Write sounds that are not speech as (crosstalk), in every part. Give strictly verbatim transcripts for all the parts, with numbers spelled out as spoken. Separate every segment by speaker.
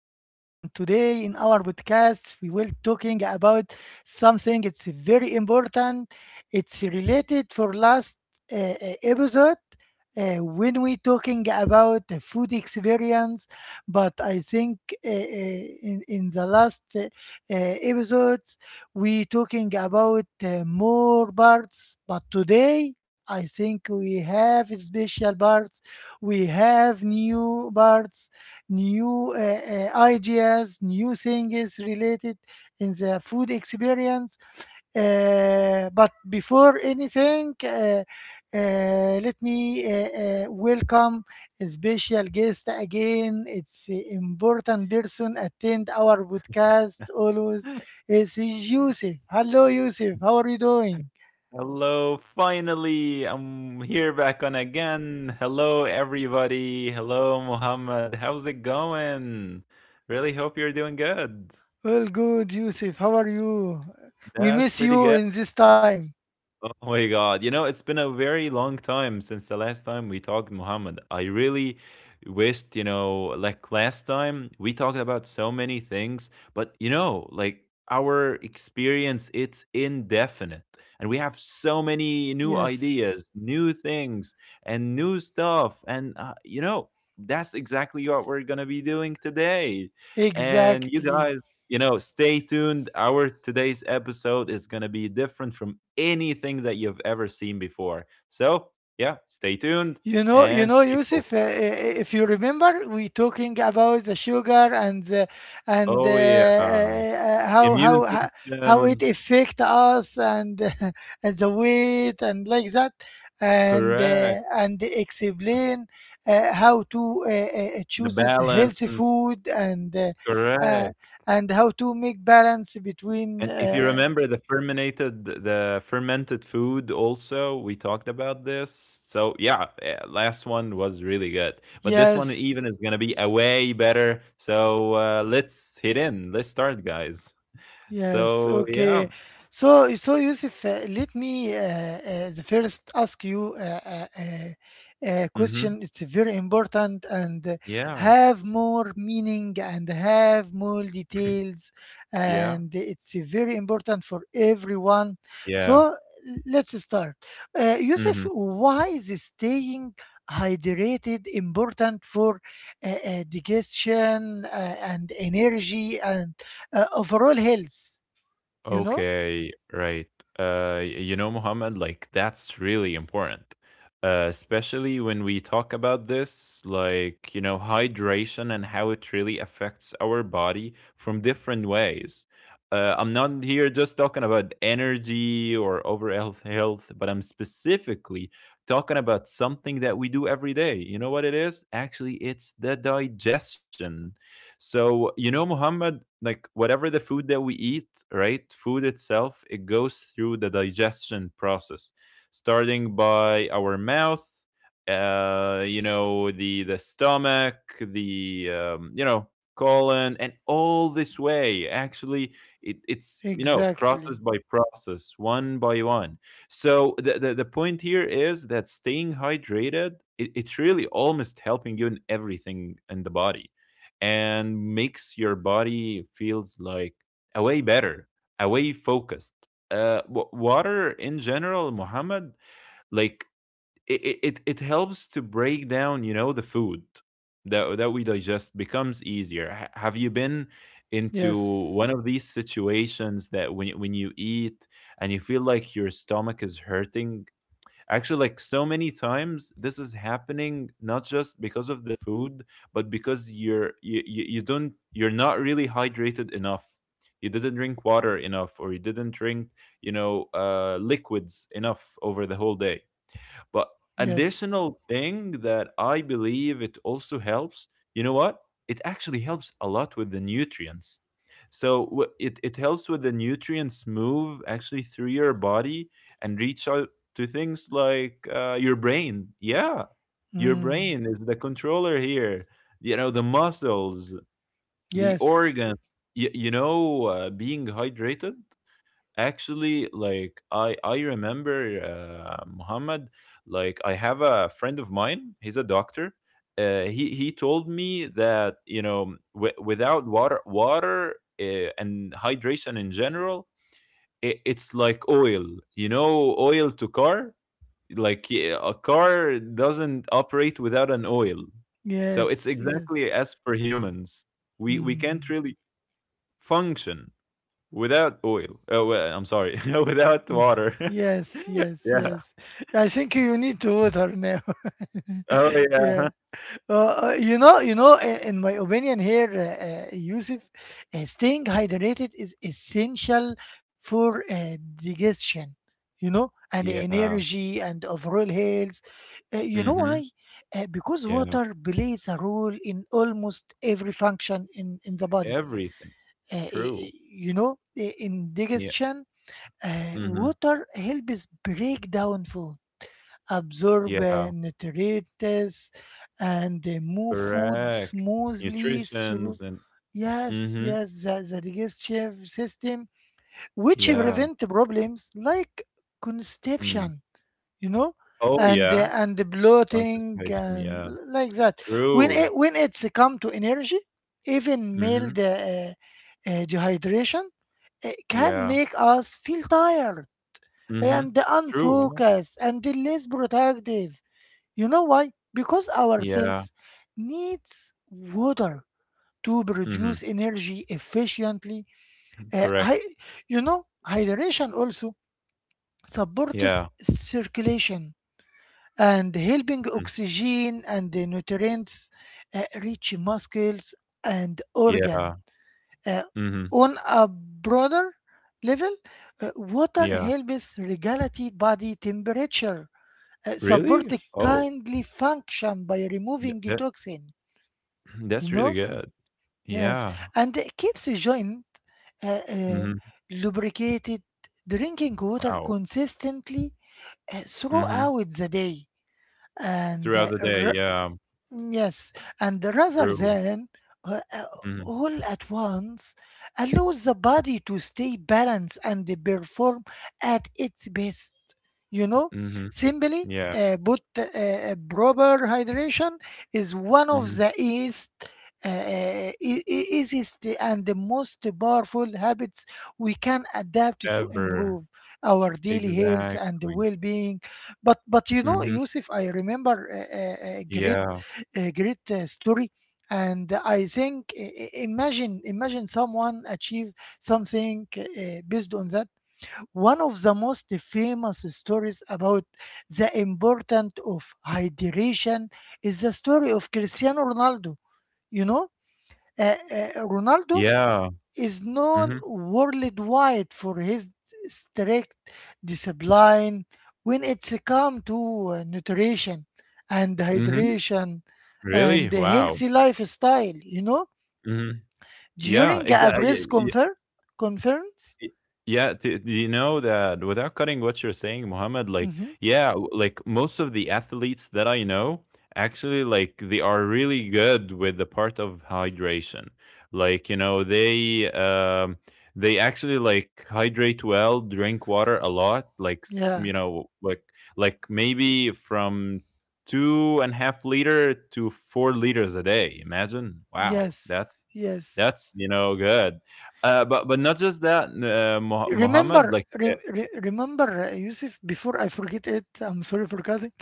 Speaker 1: podcast we will talking about something it's very important. It's related for last uh, uh, episode uh, when we talking about the food experience, but I think uh, uh, in in the last uh, uh, episodes we talking about uh, more parts, but today I think we have special parts, we have new parts, new uh, uh, ideas, new things related in the food experience. Uh, but before anything, uh, uh, let me uh, uh, welcome a special guest again. It's an important person attend our podcast always. It's Yusuf. Hello, Yusuf. How are you doing?
Speaker 2: Hello, finally, I'm here back on again. Hello, everybody. Hello, Muhammad. How's it going? Really hope you're doing good.
Speaker 1: Well, good, Yusuf. How are you? We
Speaker 2: That's
Speaker 1: miss
Speaker 2: pretty
Speaker 1: you
Speaker 2: good.
Speaker 1: in this time.
Speaker 2: Oh my God. You know, it's been a very long time since the last time we talked, Muhammad. I really wished, you know, like last time we talked about so many things, but you know, like our experience, it's indefinite. And we have so many new
Speaker 1: Yes,
Speaker 2: ideas, new things, and new stuff. And, uh, you know, that's exactly what we're going to be doing today. And you
Speaker 1: exactly.
Speaker 2: guys, you know, stay tuned. Our today's episode is going to be different from anything that you've ever seen before. So, yeah, stay tuned
Speaker 1: You know, you
Speaker 2: and
Speaker 1: know,
Speaker 2: stay focused.
Speaker 1: Yusuf. Uh, uh, if you remember, we talking about the sugar, and the, and
Speaker 2: Oh,
Speaker 1: uh,
Speaker 2: yeah.
Speaker 1: uh, how
Speaker 2: Immune
Speaker 1: how ho- how it
Speaker 2: system,
Speaker 1: affect us and (laughs) and the weight and like that, and uh,
Speaker 2: correct.
Speaker 1: and explain uh, how to uh, uh,
Speaker 2: The
Speaker 1: chooses healthy
Speaker 2: balance,
Speaker 1: food and uh, uh,
Speaker 2: correct.
Speaker 1: and how to make balance
Speaker 2: And
Speaker 1: between.
Speaker 2: if you
Speaker 1: Uh,
Speaker 2: remember the fermented the fermented food also, we talked about this. So yeah, eh, last one was really good. But this one even is
Speaker 1: yes.
Speaker 2: gonna be a way better. So uh, let's hit in. Let's start, guys.
Speaker 1: Yes,
Speaker 2: So yeah.
Speaker 1: okay. So, so Yusuf, uh, let me uh, uh, the first ask you uh, a, a
Speaker 2: Mm-hmm.
Speaker 1: question. It's very important and uh,
Speaker 2: Yeah.
Speaker 1: have more meaning and have more details,
Speaker 2: Yeah.
Speaker 1: and it's very important for everyone.
Speaker 2: Yeah.
Speaker 1: So, let's start. Uh, Yusuf,
Speaker 2: Mm-hmm.
Speaker 1: why is staying hydrated important for uh, uh, digestion uh, and energy and uh, overall health you know
Speaker 2: Okay, right. Uh, y- you know, Muhammad, like that's really important, uh, especially when we talk about this, like, you know, hydration and how it really affects our body from different ways. Uh, I'm not here just talking about energy or overall health, but I'm specifically talking about something that we do every day. You know what it is? Actually, it's the digestion. So, you know, Muhammad, like whatever the food that we eat, right? Food itself, it goes through the digestion process, starting by our mouth, uh, you know, the the stomach, the um, you know, colon, and all this way. Actually, it, it's you know, process
Speaker 1: exactly.
Speaker 2: by process, one by one. So the the, the point here is that staying hydrated, it, it's really almost helping you in everything in the body and makes your body feels like away better, away focused. Uh, w- water in general, Muhammad, like it, it, it helps to break down, you know, the food that that we digest becomes easier. Ha- have you been into
Speaker 1: Yes.
Speaker 2: one of these situations that when when you eat and you feel like your stomach is hurting? Actually, like so many times, this is happening not just because of the food, but because you're you, you, you don't you're not really hydrated enough. You didn't drink water enough, or you didn't drink, you know, uh, liquids enough over the whole day, but
Speaker 1: Yes.
Speaker 2: additional thing that I believe it also helps, you know what? It actually helps a lot with the nutrients. So wh- it, it helps with the nutrients move actually through your body and reach out to things like uh, your brain. Yeah, your
Speaker 1: Mm.
Speaker 2: brain is the controller here. You know, the muscles, the organ,
Speaker 1: Yes.
Speaker 2: you, you know, uh, being hydrated. Actually, like I I remember, uh, Muhammad. Like I have a friend of mine. He's a doctor. Uh, he he told me that you know w- without water water uh, and hydration in general, it, it's like oil. You know, oil to car. Like yeah, a car doesn't operate without an oil. So it's
Speaker 1: Yes. Yes.
Speaker 2: exactly as for humans. We we can't
Speaker 1: Mm.
Speaker 2: really function without oil. Oh, well, I'm sorry. (laughs) Without
Speaker 1: (laughs)
Speaker 2: water. (laughs)
Speaker 1: Yes. Yes.
Speaker 2: Yeah.
Speaker 1: Yes. I think you need to water now. (laughs)
Speaker 2: Oh, yeah.
Speaker 1: Yeah. Uh, uh, you know, you know, in, in my opinion here, uh, uh, Yusuf, uh, staying hydrated is essential for uh, digestion, you know, and
Speaker 2: Yeah.
Speaker 1: energy and overall health. Uh, you know why?
Speaker 2: Mhm.
Speaker 1: Uh, because
Speaker 2: Yeah.
Speaker 1: water plays a role in almost every function in, in the body.
Speaker 2: Everything.
Speaker 1: Uh, i-
Speaker 2: True.
Speaker 1: i- you know, i- in
Speaker 2: Yeah.
Speaker 1: digestion, uh,
Speaker 2: Mhm.
Speaker 1: water helps break down food absorb
Speaker 2: Yeah.
Speaker 1: uh, nutrients and uh, move food
Speaker 2: Correct.
Speaker 1: smoothly
Speaker 2: Nutritions
Speaker 1: through.
Speaker 2: and
Speaker 1: Yes,
Speaker 2: Mhm.
Speaker 1: yes, the, the digestive system, which
Speaker 2: Yeah.
Speaker 1: prevent problems like
Speaker 2: Mm.
Speaker 1: constipation, you know,
Speaker 2: Oh,
Speaker 1: and uh,
Speaker 2: yeah.
Speaker 1: and the bloating
Speaker 2: Contestation.
Speaker 1: and
Speaker 2: Yeah.
Speaker 1: l- like that. When
Speaker 2: True.
Speaker 1: it when it's come to energy, even
Speaker 2: Mhm.
Speaker 1: mild uh, uh, uh, dehydration uh, can
Speaker 2: Yeah.
Speaker 1: make us feel tired
Speaker 2: Mhm.
Speaker 1: and
Speaker 2: True. Yeah.
Speaker 1: unfocused and less productive. You know why? Because our
Speaker 2: Yeah.
Speaker 1: cells needs water to
Speaker 2: Mhm.
Speaker 1: produce energy efficiently. Uh,
Speaker 2: Correct.
Speaker 1: hy- you know, hydration also supports
Speaker 2: Yeah.
Speaker 1: circulation and helping
Speaker 2: Mm.
Speaker 1: oxygen and the nutrients uh, reach muscles and
Speaker 2: Yeah.
Speaker 1: organ. Uh,
Speaker 2: Mhm.
Speaker 1: on a broader level, uh, water
Speaker 2: Yeah.
Speaker 1: helps regulate body temperature, uh, support
Speaker 2: Really? Oh.
Speaker 1: kindly function by removing toxins. You
Speaker 2: That's
Speaker 1: know?
Speaker 2: really good.
Speaker 1: Yes.
Speaker 2: Yeah.
Speaker 1: And it keeps the joint uh, uh,
Speaker 2: Mhm.
Speaker 1: lubricated, drinking water
Speaker 2: Wow.
Speaker 1: consistently uh,
Speaker 2: Mhm.
Speaker 1: throughout the day and
Speaker 2: Throughout
Speaker 1: uh,
Speaker 2: the day,
Speaker 1: r-
Speaker 2: yeah, um,
Speaker 1: Mm, yes, and rather
Speaker 2: through.
Speaker 1: than uh, uh,
Speaker 2: Mhm.
Speaker 1: all at once, allows the body to stay balanced and perform at its best. You know,
Speaker 2: Mhm.
Speaker 1: simply,
Speaker 2: Yeah.
Speaker 1: uh, but uh, proper hydration is one of
Speaker 2: Mhm.
Speaker 1: the east, uh, uh, e- e- easiest and the most powerful habits we can adapt to
Speaker 2: Ever.
Speaker 1: improve our daily health and
Speaker 2: Exactly.
Speaker 1: well-being. But but you know,
Speaker 2: Mhm.
Speaker 1: Yusuf, I remember a, a a great
Speaker 2: Yeah.
Speaker 1: a great uh, story, and I think i- i- imagine imagine someone achieve something uh, uh, based on that. One of the most famous stories about the importance of hydration is the story of Cristiano ronaldo you know uh, uh, Ronaldo
Speaker 2: Yeah.
Speaker 1: is known
Speaker 2: Mhm.
Speaker 1: worldwide for his strict discipline when it's come to uh, nutrition and
Speaker 2: Mhm.
Speaker 1: hydration
Speaker 2: Really?
Speaker 1: and a
Speaker 2: Wow.
Speaker 1: healthy lifestyle, you know?
Speaker 2: Mhm. Yeah,
Speaker 1: During a press
Speaker 2: exactly.
Speaker 1: confer- conference?
Speaker 2: Y- Yeah, do, do you know that without cutting what you're saying, Mohammed, like,
Speaker 1: Hmm.
Speaker 2: yeah, w- like most of the athletes that I know, actually, like, they are really good with the part of hydration. Like, you know, they, um, they actually like hydrate well, drink water a lot, like, s- you
Speaker 1: Yeah.
Speaker 2: know, like, like maybe from two and a half liter to four liters a day. Imagine. Wow. That's
Speaker 1: Yes. Yes.
Speaker 2: that's you know good, uh, but but not just that, uh, Mo- Mohammed.
Speaker 1: Remember,
Speaker 2: Like uh,
Speaker 1: re- re- remember, uh, Yusuf. Before I forget it, I'm sorry for cutting.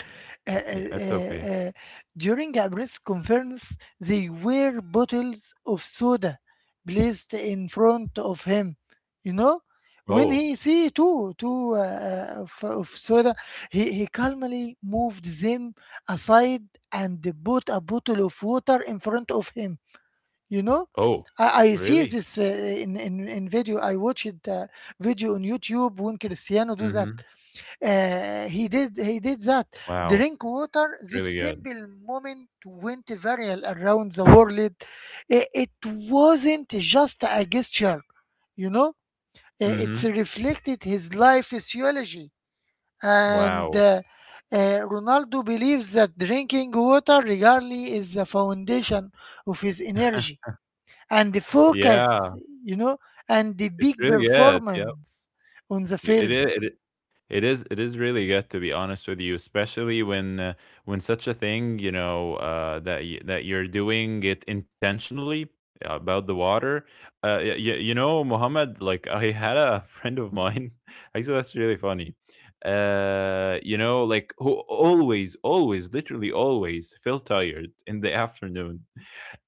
Speaker 1: Uh, uh,
Speaker 2: yeah, it's okay.
Speaker 1: uh, uh, During a press conference, they were bottles of soda placed in front of him. You know, when
Speaker 2: Oh,
Speaker 1: he see two two uh, uh, of, of soda, he, he calmly moved them aside and bought a bottle of water in front of him you know
Speaker 2: oh,
Speaker 1: I, I see
Speaker 2: really?
Speaker 1: this uh, in, in in video I watched uh, video on YouTube when Cristiano do that.
Speaker 2: hmm
Speaker 1: uh, he did he did that,
Speaker 2: Wow,
Speaker 1: drink water.
Speaker 2: it's
Speaker 1: This
Speaker 2: really good.
Speaker 1: simple moment went viral around the world. It, it wasn't just a gesture you know Uh, it's
Speaker 2: hmm
Speaker 1: reflected his life theology, and
Speaker 2: Wow,
Speaker 1: uh, uh, Ronaldo believes that drinking water regularly is the foundation of his energy and the
Speaker 2: yeah,
Speaker 1: focus, you know, and the
Speaker 2: it's
Speaker 1: big
Speaker 2: really good. Yeah,
Speaker 1: performance on the
Speaker 2: it
Speaker 1: field.
Speaker 2: is. It is it is really good to be honest with you, especially when uh, when such a thing, you know, uh, that y- that you're doing it intentionally, uh, about the water. Uh, y- y- you know, Mohammed, like I had a (laughs) friend of mine. (laughs) Actually, that's really funny. Uh, you know, like who always, always, literally always felt tired in the (laughs) afternoon.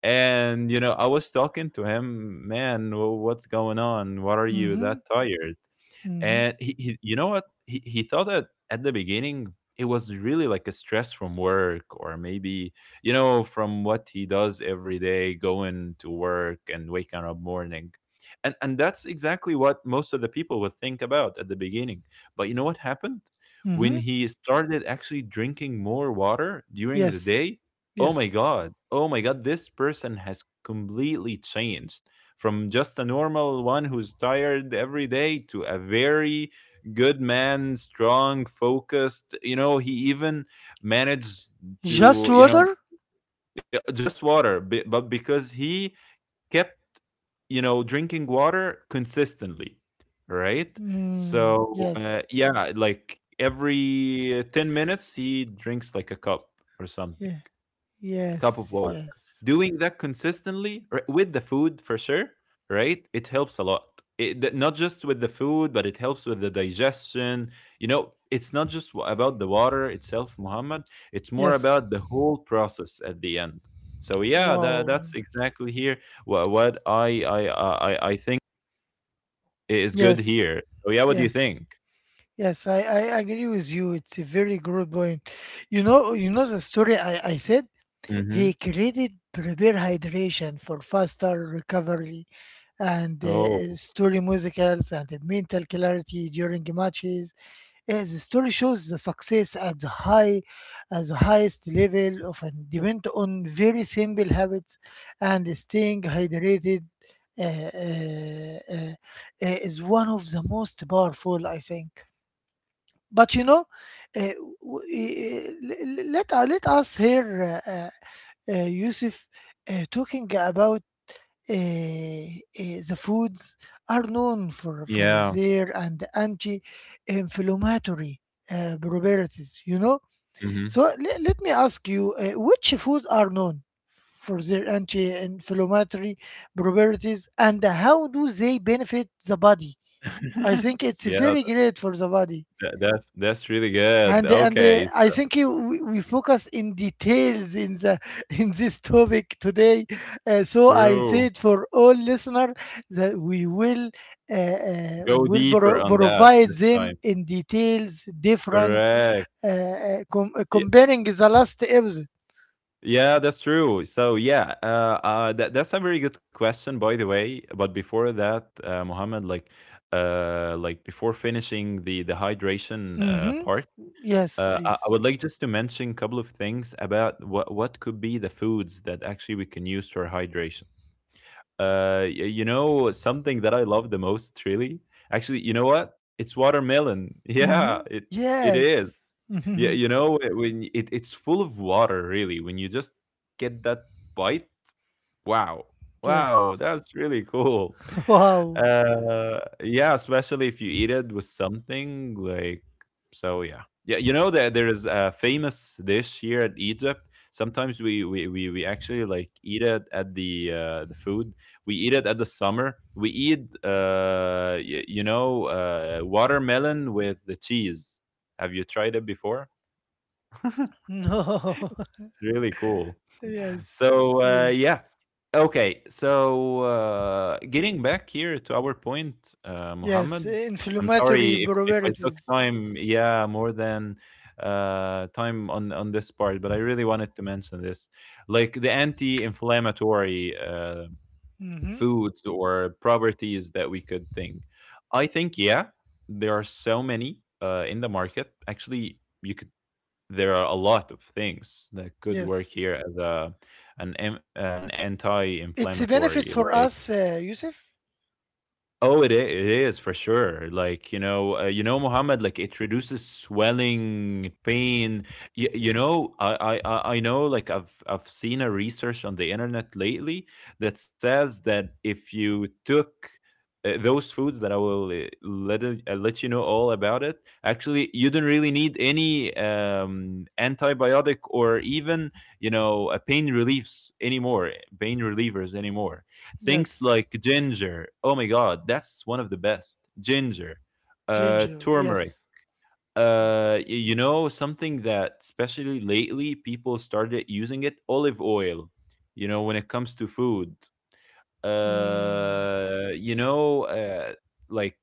Speaker 2: And you know, I was talking to him, man, wh- what's going on? Why are you
Speaker 1: Mm-hmm.
Speaker 2: that tired?
Speaker 1: Mm-hmm.
Speaker 2: And he, he you know what? He, he thought that at the beginning it was really like a stress from work or maybe, you know, from what he does every day, going to work and waking up morning. And and that's exactly what most of the people would think about at the beginning. But you know what happened?
Speaker 1: Mm-hmm.
Speaker 2: When he started actually drinking more water during the
Speaker 1: Yes.
Speaker 2: day, oh my
Speaker 1: Yes.
Speaker 2: god, oh my god, this person has completely changed from just a normal one who's tired every day to a very good man, strong, focused. You know, he even managed
Speaker 1: Just
Speaker 2: to, you know,
Speaker 1: water?
Speaker 2: yeah, just water, be- but because he kept, you know, drinking water consistently, right?
Speaker 1: Mm,
Speaker 2: So, uh,
Speaker 1: yes.
Speaker 2: yeah, like every 10 minutes, he drinks like a cup or something,
Speaker 1: Yeah.
Speaker 2: cup of
Speaker 1: Yes.
Speaker 2: water.
Speaker 1: Yes.
Speaker 2: Doing that consistently, r- with the food for sure, right? It helps a lot. It, th- not just with the food, but it helps with the digestion. You know, it's not just wa- about the water itself, Muhammad. It's more
Speaker 1: Yes.
Speaker 2: about the whole process at the end. So yeah, that,
Speaker 1: Wow.
Speaker 2: that's exactly here what, what I, I I I I think is good
Speaker 1: Yes.
Speaker 2: here. So yeah, what do you
Speaker 1: Yes.
Speaker 2: think?
Speaker 1: Yes. I, I agree with you. It's a very good point. You know, you know the story I, I said?
Speaker 2: Mm-hmm.
Speaker 1: He created prepare hydration for faster recovery and uh,
Speaker 2: Oh
Speaker 1: story musicals and the mental clarity during matches. Uh, the story shows the success at the high, at the highest level often depend on very simple habits and staying hydrated uh, uh, uh, uh, is one of the most powerful, I think. But you know, uh, w- uh, let let uh, let us hear uh, uh, Yusuf uh, talking about uh, uh, the foods are known for, for
Speaker 2: yeah.
Speaker 1: their and anti-inflammatory uh, properties, you know. So
Speaker 2: Mm-hmm.
Speaker 1: le- let me ask you, uh, which foods are known for their anti-inflammatory properties and how do they benefit the body? I
Speaker 2: (laughs)
Speaker 1: think it's
Speaker 2: Yeah,
Speaker 1: very great for the body,
Speaker 2: th- that's that's really good.
Speaker 1: and and uh,
Speaker 2: Okay.
Speaker 1: I think you, we, we focus in details in the (laughs) in this topic today. Uh, so I
Speaker 2: True.
Speaker 1: said for all listener that we will uh, uh,
Speaker 2: Go
Speaker 1: will
Speaker 2: deeper
Speaker 1: pro-
Speaker 2: on that
Speaker 1: provide
Speaker 2: this
Speaker 1: them
Speaker 2: time.
Speaker 1: in details different
Speaker 2: Correct.
Speaker 1: uh, uh, com- uh,
Speaker 2: Yeah,
Speaker 1: comparing the last episode.
Speaker 2: yeah, that's true. So yeah, uh, uh, that that's a very good question, by the way. But before that, uh, Mohammed, like, uh, like before finishing the the hydration uh,
Speaker 1: Mm-hmm.
Speaker 2: part,
Speaker 1: Yes,
Speaker 2: uh, I, I
Speaker 1: please.
Speaker 2: would like just to mention a couple of things about what what could be the foods that actually we can use for hydration. Uh, y- you know, something that I love the most, really. Actually, you know what? It's watermelon. (laughs) Yeah,
Speaker 1: Mm-hmm.
Speaker 2: it it is.
Speaker 1: Yes. (laughs)
Speaker 2: Yeah, you know, wh- when it, it's full of water, really. When you just get that bite, wow, wow,
Speaker 1: Yes.
Speaker 2: that's really cool.
Speaker 1: (laughs)
Speaker 2: (laughs)
Speaker 1: Wow.
Speaker 2: Uh, yeah, especially if you eat it with something like, so yeah, yeah. You know that there is a famous dish here at Egypt. Sometimes we we we, we actually like eat it at the uh, the food. We eat it at the summer. We eat, uh, y- you know, uh, watermelon with the cheese. Have you tried it before?
Speaker 1: No.
Speaker 2: Really cool.
Speaker 1: (laughs) Yes.
Speaker 2: So, uh, yeah.
Speaker 1: Yes.
Speaker 2: Okay. So, uh, getting back here to our point, uh,
Speaker 1: Yes,
Speaker 2: Mohammed, I'm sorry
Speaker 1: inflammatory
Speaker 2: if, if I took
Speaker 1: properties.
Speaker 2: time, yeah, more than uh, time on, on this part, but I really wanted to mention this. Like the anti inflammatory uh,
Speaker 1: Hmm.
Speaker 2: foods or properties that we could think. I think, yeah, there are so many uh, in the market. Actually, you could there are a lot of things that could work
Speaker 1: Yes.
Speaker 2: here as a an em- an
Speaker 1: It's a
Speaker 2: anti-inflammatory,
Speaker 1: benefit for
Speaker 2: like
Speaker 1: us, uh, Yusuf?
Speaker 2: oh, it is, it is for sure. Like you know, uh, you know, Muhammad. Like it reduces swelling, pain. Y- you know, I, I, I I know. Like I've, I've seen a research on the internet lately that says that if you took, uh, those foods that I will uh, let it- uh, let you know all about it, actually, you don't really need any um, antibiotic or even you know a pain reliefs anymore, pain relievers anymore. Things
Speaker 1: Yes.
Speaker 2: like ginger. Oh my God, that's one of the best. Ginger, uh,
Speaker 1: Ginger,
Speaker 2: turmeric.
Speaker 1: yes.
Speaker 2: Uh, y- you know, something that especially lately people started using, it olive oil. You know, when it comes to food,
Speaker 1: Mm.
Speaker 2: uh, you know, uh, like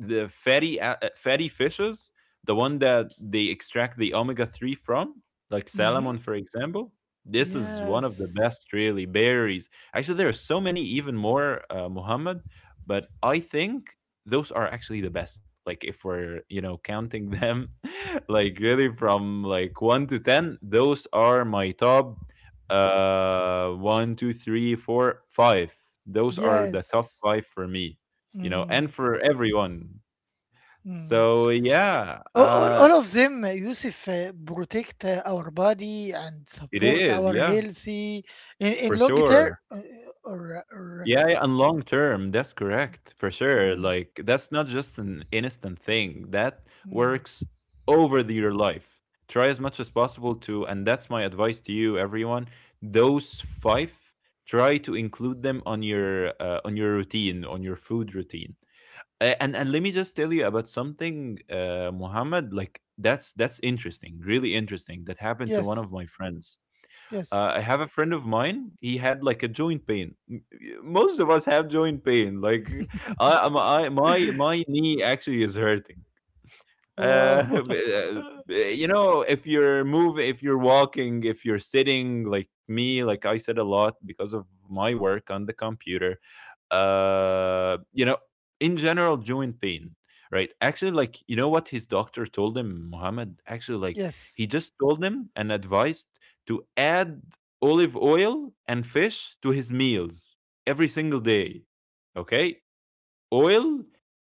Speaker 2: the fatty a- uh, fatty fishes, the one that they extract the omega three from, like
Speaker 1: Mm-hmm.
Speaker 2: salmon, for example. This is one of the
Speaker 1: Yes.
Speaker 2: best, really. Berries. Actually, there are so many, even more, uh, Muhammad. But I think those are actually the best. Like if we're you know counting them, (laughs) like really from like one to ten, those are my top. Uh, one, two, three, four, five. Those are the top
Speaker 1: Yes.
Speaker 2: five for me, you know, and
Speaker 1: Mm.
Speaker 2: for everyone.
Speaker 1: Mm.
Speaker 2: So, yeah,
Speaker 1: All, all
Speaker 2: uh,
Speaker 1: all of them, uh, Yusuf, uh, protect uh, our body and
Speaker 2: it
Speaker 1: support
Speaker 2: is,
Speaker 1: our
Speaker 2: yeah,
Speaker 1: healthy in, in
Speaker 2: for
Speaker 1: long term.
Speaker 2: sure.
Speaker 1: uh, Or, or,
Speaker 2: Yeah, yeah, and long term, that's correct, for sure.
Speaker 1: mm,
Speaker 2: Like that's not just an instant thing. That
Speaker 1: mm.
Speaker 2: works over the, your life. Try as much as possible to, and that's my advice to you, everyone. Those five, try to include them on your uh, on your routine, on your food routine. A- And and let me just tell you about something, uh, Muhammad. Like that's that's interesting, really interesting. That happened to one
Speaker 1: Yes.
Speaker 2: of my friends. Uh,
Speaker 1: Yes.
Speaker 2: I have a friend of mine. He had like a joint pain. M- Most of us have joint pain. Like (laughs) I, I- my my my knee actually is hurting.
Speaker 1: Wow.
Speaker 2: Uh, (laughs)
Speaker 1: (laughs)
Speaker 2: you know, if you're moving, if you're walking, if you're sitting, like me, like I said a lot because of my work on the computer. Uh, you know, in general, joint pain, right? Actually, like you know what his doctor told him, Mohammed. Actually, like he
Speaker 1: Yes.
Speaker 2: just told him and advised to add olive oil and fish to his meals every single day. Okay, oil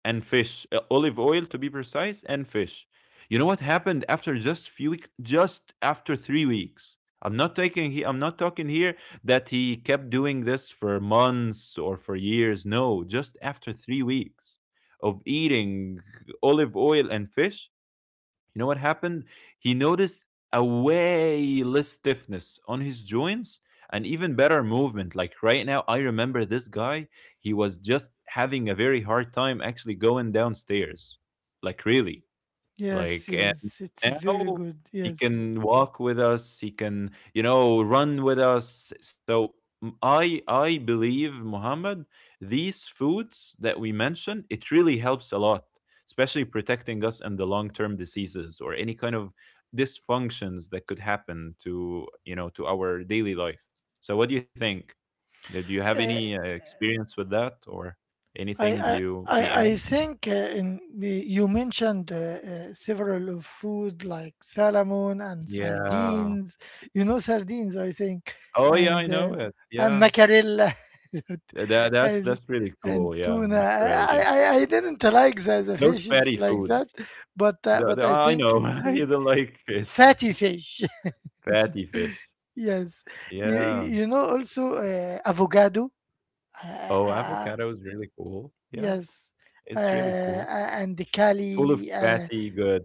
Speaker 2: and fish, uh, olive oil to be precise, and fish. You know what happened after just few weeks? Just after three weeks? I'm not taking. He, I'm not talking here that he kept doing this for months or for years. No, just after three weeks of eating olive oil and fish, you know what happened? He noticed a way less stiffness on his joints and even better movement. Like right now, I remember this guy, he was just having a very hard time actually going downstairs. Like, really. Like,
Speaker 1: Yes,
Speaker 2: and
Speaker 1: yes, it's a very
Speaker 2: now
Speaker 1: good.
Speaker 2: he
Speaker 1: Yes,
Speaker 2: can walk with us, he can, you know, run with us. So m- I I believe, Muhammad, these foods that we mentioned, it really helps a lot, especially protecting us and the long-term diseases or any kind of dysfunctions that could happen to, you know, to our daily life. So what do you think? Uh, Do you have any
Speaker 1: uh,
Speaker 2: uh, experience with that or
Speaker 1: I,
Speaker 2: anything
Speaker 1: I,
Speaker 2: you may
Speaker 1: I, I
Speaker 2: add?
Speaker 1: think uh, in the- you mentioned uh, uh, several of food like salmon and
Speaker 2: Yeah.
Speaker 1: sardines. You know sardines, I think,
Speaker 2: Oh yeah, I
Speaker 1: and
Speaker 2: know
Speaker 1: uh,
Speaker 2: it.
Speaker 1: and
Speaker 2: Yeah.
Speaker 1: macarella, (laughs)
Speaker 2: Uh, That that's
Speaker 1: and
Speaker 2: that's pretty
Speaker 1: and
Speaker 2: cool. Yeah,
Speaker 1: tuna.
Speaker 2: mackerel.
Speaker 1: I,
Speaker 2: Yeah,
Speaker 1: I, I didn't like the, the
Speaker 2: those
Speaker 1: fishes
Speaker 2: fatty
Speaker 1: like that,
Speaker 2: foods.
Speaker 1: but uh,
Speaker 2: The,
Speaker 1: but
Speaker 2: the,
Speaker 1: I
Speaker 2: I
Speaker 1: think
Speaker 2: know
Speaker 1: it's
Speaker 2: (laughs)
Speaker 1: uh,
Speaker 2: you don't like fish,
Speaker 1: fatty
Speaker 2: (laughs)
Speaker 1: fish.
Speaker 2: fatty fish.
Speaker 1: (laughs) Yes, you
Speaker 2: Yeah.
Speaker 1: you know also uh, avocado. Uh, uh,
Speaker 2: Oh,
Speaker 1: uh,
Speaker 2: avocado is really cool. Yeah,
Speaker 1: yes. Uh,
Speaker 2: it's really cool.
Speaker 1: uh, and the
Speaker 2: Full of
Speaker 1: Cali, uh,
Speaker 2: fatty, good.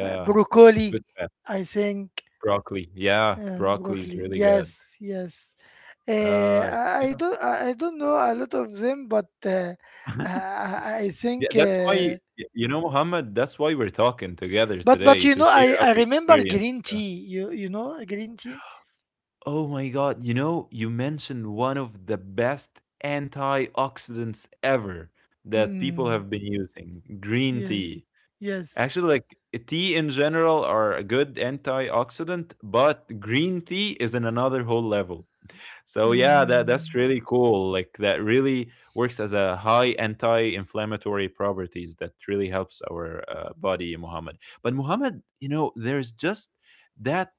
Speaker 1: b- broccoli,
Speaker 2: good fat.
Speaker 1: I think.
Speaker 2: Broccoli. Yeah,
Speaker 1: Uh,
Speaker 2: broccoli is
Speaker 1: broccoli.
Speaker 2: really good.
Speaker 1: Yes, yes.
Speaker 2: Uh,
Speaker 1: Uh, I,
Speaker 2: yeah.
Speaker 1: I don't. I I don't know a lot of them, but uh, I,
Speaker 2: (laughs)
Speaker 1: I I
Speaker 2: Yeah,
Speaker 1: think.
Speaker 2: that's why
Speaker 1: Uh,
Speaker 2: y- you know, Muhammad. That's why we're talking together
Speaker 1: but but
Speaker 2: today
Speaker 1: you
Speaker 2: to
Speaker 1: know,
Speaker 2: share
Speaker 1: I
Speaker 2: our
Speaker 1: I remember
Speaker 2: experience.
Speaker 1: green tea. You you know green tea.
Speaker 2: Oh my God. You know, you mentioned one of the best antioxidants ever that people have
Speaker 1: Hmm.
Speaker 2: been using, green
Speaker 1: Yes.
Speaker 2: tea. Actually,
Speaker 1: Yes.
Speaker 2: like tea in general are a good antioxidant, but green tea is in another whole level. So yeah, that that's
Speaker 1: Mm.
Speaker 2: really cool. Like that really works as a high anti-inflammatory properties that really helps our uh, body, Muhammad. But Muhammad, you know, there's just that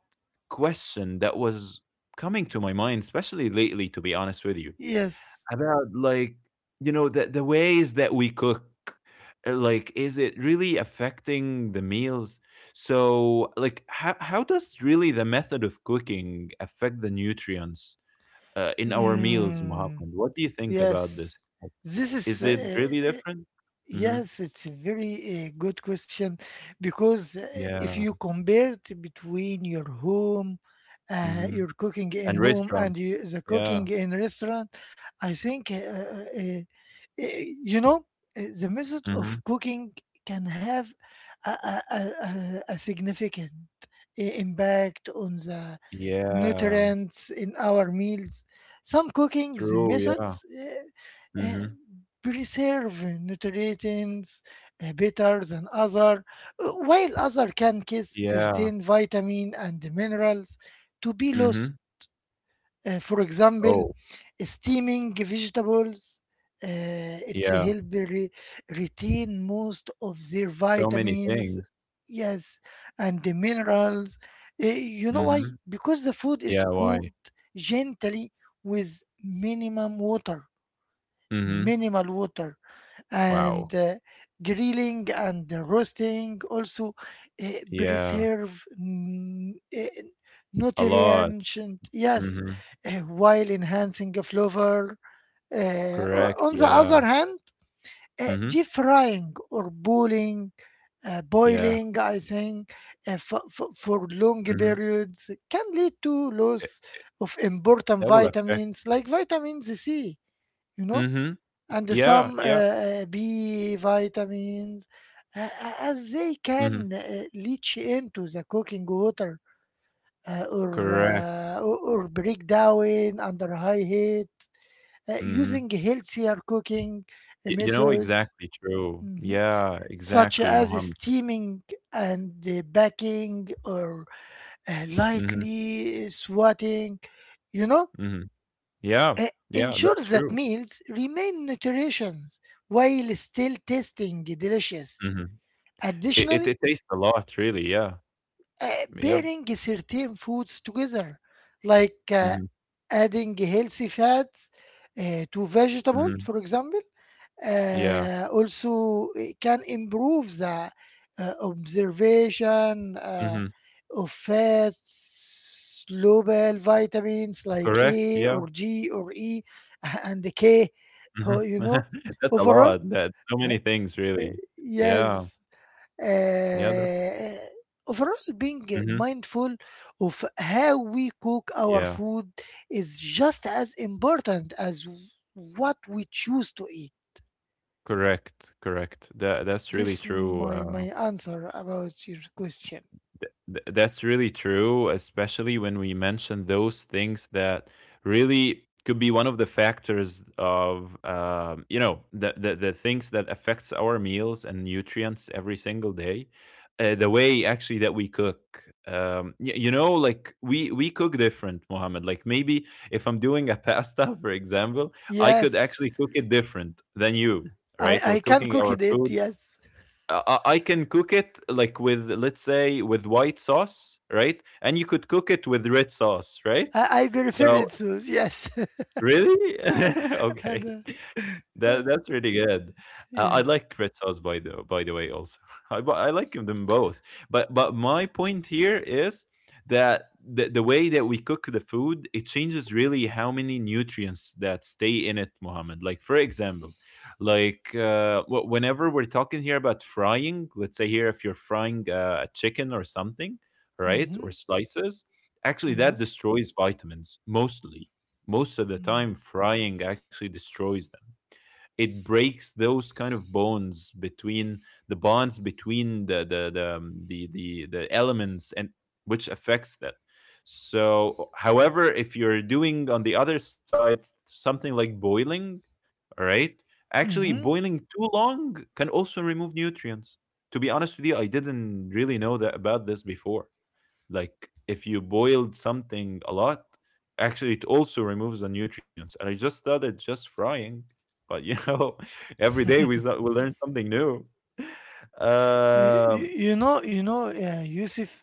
Speaker 2: question that was coming to my mind, especially lately, to be honest with you,
Speaker 1: Yes.
Speaker 2: about like you know the the ways that we cook. Uh, Like, is it really affecting the meals? So, like, how how does really the method of cooking affect the nutrients? uh, in our meals,
Speaker 1: Mm.
Speaker 2: Muhammad. What do you think about this?
Speaker 1: Yes.
Speaker 2: Like,
Speaker 1: This
Speaker 2: is
Speaker 1: is
Speaker 2: it
Speaker 1: uh,
Speaker 2: really
Speaker 1: uh,
Speaker 2: different? Mm-hmm.
Speaker 1: Yes, it's a very uh, good question, because uh, if
Speaker 2: Yeah.
Speaker 1: you compare it between your home, uh,
Speaker 2: Mm-hmm.
Speaker 1: your cooking in
Speaker 2: And
Speaker 1: home, and
Speaker 2: restaurants.
Speaker 1: you, the
Speaker 2: Yeah.
Speaker 1: cooking in restaurant, I think uh, uh, uh, uh, you know, uh, the method
Speaker 2: Mm-hmm.
Speaker 1: of cooking can have a, a, a, a a significant uh, impact on the
Speaker 2: Yeah.
Speaker 1: nutrients in our meals. Some cooking the
Speaker 2: True. Yeah.
Speaker 1: methods. Uh, uh,
Speaker 2: Mm-hmm.
Speaker 1: Preserve nutrients uh, better than other, uh, while other can cause
Speaker 2: Yeah.
Speaker 1: certain vitamin and minerals to be lost.
Speaker 2: Mm-hmm.
Speaker 1: Uh, for example,
Speaker 2: Oh,
Speaker 1: steaming vegetables, uh, it's
Speaker 2: yeah.
Speaker 1: help re- retain most of their
Speaker 2: So many
Speaker 1: vitamins,
Speaker 2: things.
Speaker 1: yes, and the minerals. Uh, you know why?
Speaker 2: Mm-hmm.
Speaker 1: Because the food is
Speaker 2: Yeah. Why?
Speaker 1: cooked gently with minimum water,
Speaker 2: Mm-hmm.
Speaker 1: minimal water,
Speaker 2: Wow.
Speaker 1: and uh, grilling and roasting also uh,
Speaker 2: Yeah.
Speaker 1: preserve n- uh,
Speaker 2: A lot.
Speaker 1: nutrients, and yes,
Speaker 2: Mm-hmm.
Speaker 1: uh, while enhancing the flavor. Uh,
Speaker 2: Correct.
Speaker 1: o- on the
Speaker 2: Yeah.
Speaker 1: other hand, uh,
Speaker 2: Mm-hmm.
Speaker 1: deep frying or boiling, uh,
Speaker 2: Yeah.
Speaker 1: boiling I think uh, for, for, for long
Speaker 2: Mm-hmm.
Speaker 1: periods can lead to loss of important
Speaker 2: That will affect.
Speaker 1: vitamins like vitamin C, you know,
Speaker 2: Mm-hmm.
Speaker 1: and
Speaker 2: Yeah.
Speaker 1: some uh,
Speaker 2: Yeah.
Speaker 1: uh, B vitamins, uh, as they
Speaker 2: Mm-hmm.
Speaker 1: can uh, leach into the cooking water, uh, or,
Speaker 2: Correct.
Speaker 1: uh, or or break down under high heat. Uh,
Speaker 2: Mm-hmm.
Speaker 1: using healthier cooking uh,
Speaker 2: Y you know,
Speaker 1: methods,
Speaker 2: exactly true.
Speaker 1: mhm,
Speaker 2: Yeah,
Speaker 1: such
Speaker 2: exactly,
Speaker 1: as
Speaker 2: Mohammed.
Speaker 1: steaming and uh, baking or uh,
Speaker 2: Mhm,
Speaker 1: lightly swatting, you know,
Speaker 2: mhm. Yeah,
Speaker 1: uh,
Speaker 2: yeah,
Speaker 1: ensures
Speaker 2: that's
Speaker 1: that
Speaker 2: true.
Speaker 1: meals remain nutritious while still tasting delicious.
Speaker 2: Mhm. It it
Speaker 1: Additionally,
Speaker 2: it tastes a lot, really, yeah.
Speaker 1: uh,
Speaker 2: Yeah.
Speaker 1: pairing certain foods together, like uh,
Speaker 2: Mhm,
Speaker 1: adding healthy fats uh, to vegetable,
Speaker 2: mhm.
Speaker 1: for example,
Speaker 2: Yeah.
Speaker 1: uh, also it can improve the uh, observation uh,
Speaker 2: Mhm.
Speaker 1: of fats, global vitamins like
Speaker 2: Correct,
Speaker 1: A
Speaker 2: yeah.
Speaker 1: or G or E (laughs) and the K.
Speaker 2: Mhm.
Speaker 1: So, you know,
Speaker 2: (laughs) That's a
Speaker 1: overall,
Speaker 2: lot. That so
Speaker 1: (laughs)
Speaker 2: many
Speaker 1: uh,
Speaker 2: things,
Speaker 1: uh,
Speaker 2: really. Yeah.
Speaker 1: yes,
Speaker 2: Yeah, that
Speaker 1: uh, overall being
Speaker 2: mhm.
Speaker 1: mindful of how we cook our
Speaker 2: Yeah.
Speaker 1: food is just as important as what we choose to eat.
Speaker 2: Correct, correct. That that's really
Speaker 1: This
Speaker 2: true,
Speaker 1: my my
Speaker 2: uh
Speaker 1: answer about your question.
Speaker 2: Th- that's really true, especially when we mention those things that really could be one of the factors of um, you know the, the the things that affects our meals and nutrients every single day. Uh, the way actually that we cook, um, y- you know, like we we cook different, Mohammed. Like maybe if I'm doing a pasta, (laughs) for example, I could
Speaker 1: Yes,
Speaker 2: actually cook it different than you,
Speaker 1: I
Speaker 2: right? Or
Speaker 1: I can
Speaker 2: cooking
Speaker 1: cook
Speaker 2: our
Speaker 1: it.
Speaker 2: food
Speaker 1: Yes,
Speaker 2: uh, I I- can cook it like with let's say with white sauce, right? And you could cook it with red sauce, right?
Speaker 1: I, I prefer
Speaker 2: So
Speaker 1: it so. Yes,
Speaker 2: really? (laughs)
Speaker 1: (laughs) and
Speaker 2: Okay.
Speaker 1: uh,
Speaker 2: That that's really good. Uh,
Speaker 1: yes,
Speaker 2: I like red sauce by the by the way also. (laughs) I bu- I like them both. But but my point here is that the, the way that we cook the food it changes really how many nutrients that stay in it, Mohammed. Like for example, like uh, wh- whenever we're talking here about frying, let's say here if you're frying uh, a chicken or something, right?
Speaker 1: mm-hmm.
Speaker 2: Or slices, actually that
Speaker 1: Yes.
Speaker 2: destroys vitamins mostly. Most of the
Speaker 1: Mm.
Speaker 2: time frying actually destroys them. It breaks those kind of bonds between the bonds between the the the um, the, the, the elements and which affects that. So however, if you're doing on the other side something like boiling, all right, actually
Speaker 1: Mm-hmm.
Speaker 2: boiling too long can also remove nutrients. To be honest with you, I didn't really know that about this before. Like if you boiled something a lot, actually it also removes the nutrients. And I just thought it's just frying, but you (laughs) know, every day we s- we learn something new.
Speaker 1: You, you,
Speaker 2: Um,
Speaker 1: you know you know uh, Yusuf,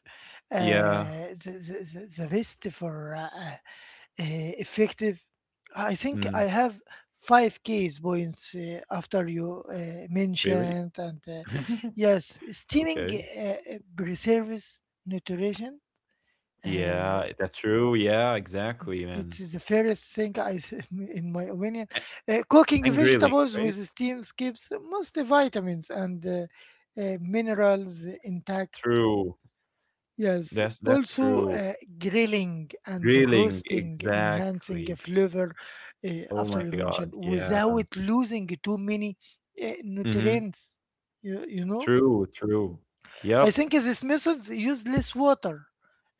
Speaker 2: yeah,
Speaker 1: uh, the, the, the the best for uh, uh, uh, effective. I think I
Speaker 2: mm,
Speaker 1: have five case points uh, after you uh,
Speaker 2: really?
Speaker 1: mentioned, and uh,
Speaker 2: (laughs)
Speaker 1: yes, steaming
Speaker 2: Okay.
Speaker 1: uh, preserves nutrition. Uh,
Speaker 2: Yeah, that's true. Yeah, exactly,
Speaker 1: it
Speaker 2: man.
Speaker 1: is the fairest thing I, s- (laughs) in my opinion.
Speaker 2: A-
Speaker 1: Uh, cooking
Speaker 2: And grilling,
Speaker 1: vegetables
Speaker 2: right?
Speaker 1: with steams keeps most vitamins and uh, uh, minerals intact.
Speaker 2: True.
Speaker 1: Yes,
Speaker 2: That's that's
Speaker 1: also
Speaker 2: true.
Speaker 1: uh, grilling and
Speaker 2: Grilling,
Speaker 1: roasting, enhancing a
Speaker 2: exactly.
Speaker 1: flavor uh,
Speaker 2: Oh
Speaker 1: after
Speaker 2: my
Speaker 1: you
Speaker 2: God.
Speaker 1: mentioned
Speaker 2: Yeah.
Speaker 1: without losing too many uh,
Speaker 2: Mm-hmm.
Speaker 1: nutrients. You, you know,
Speaker 2: True, true.
Speaker 1: I
Speaker 2: Yep.
Speaker 1: think these methods use less water,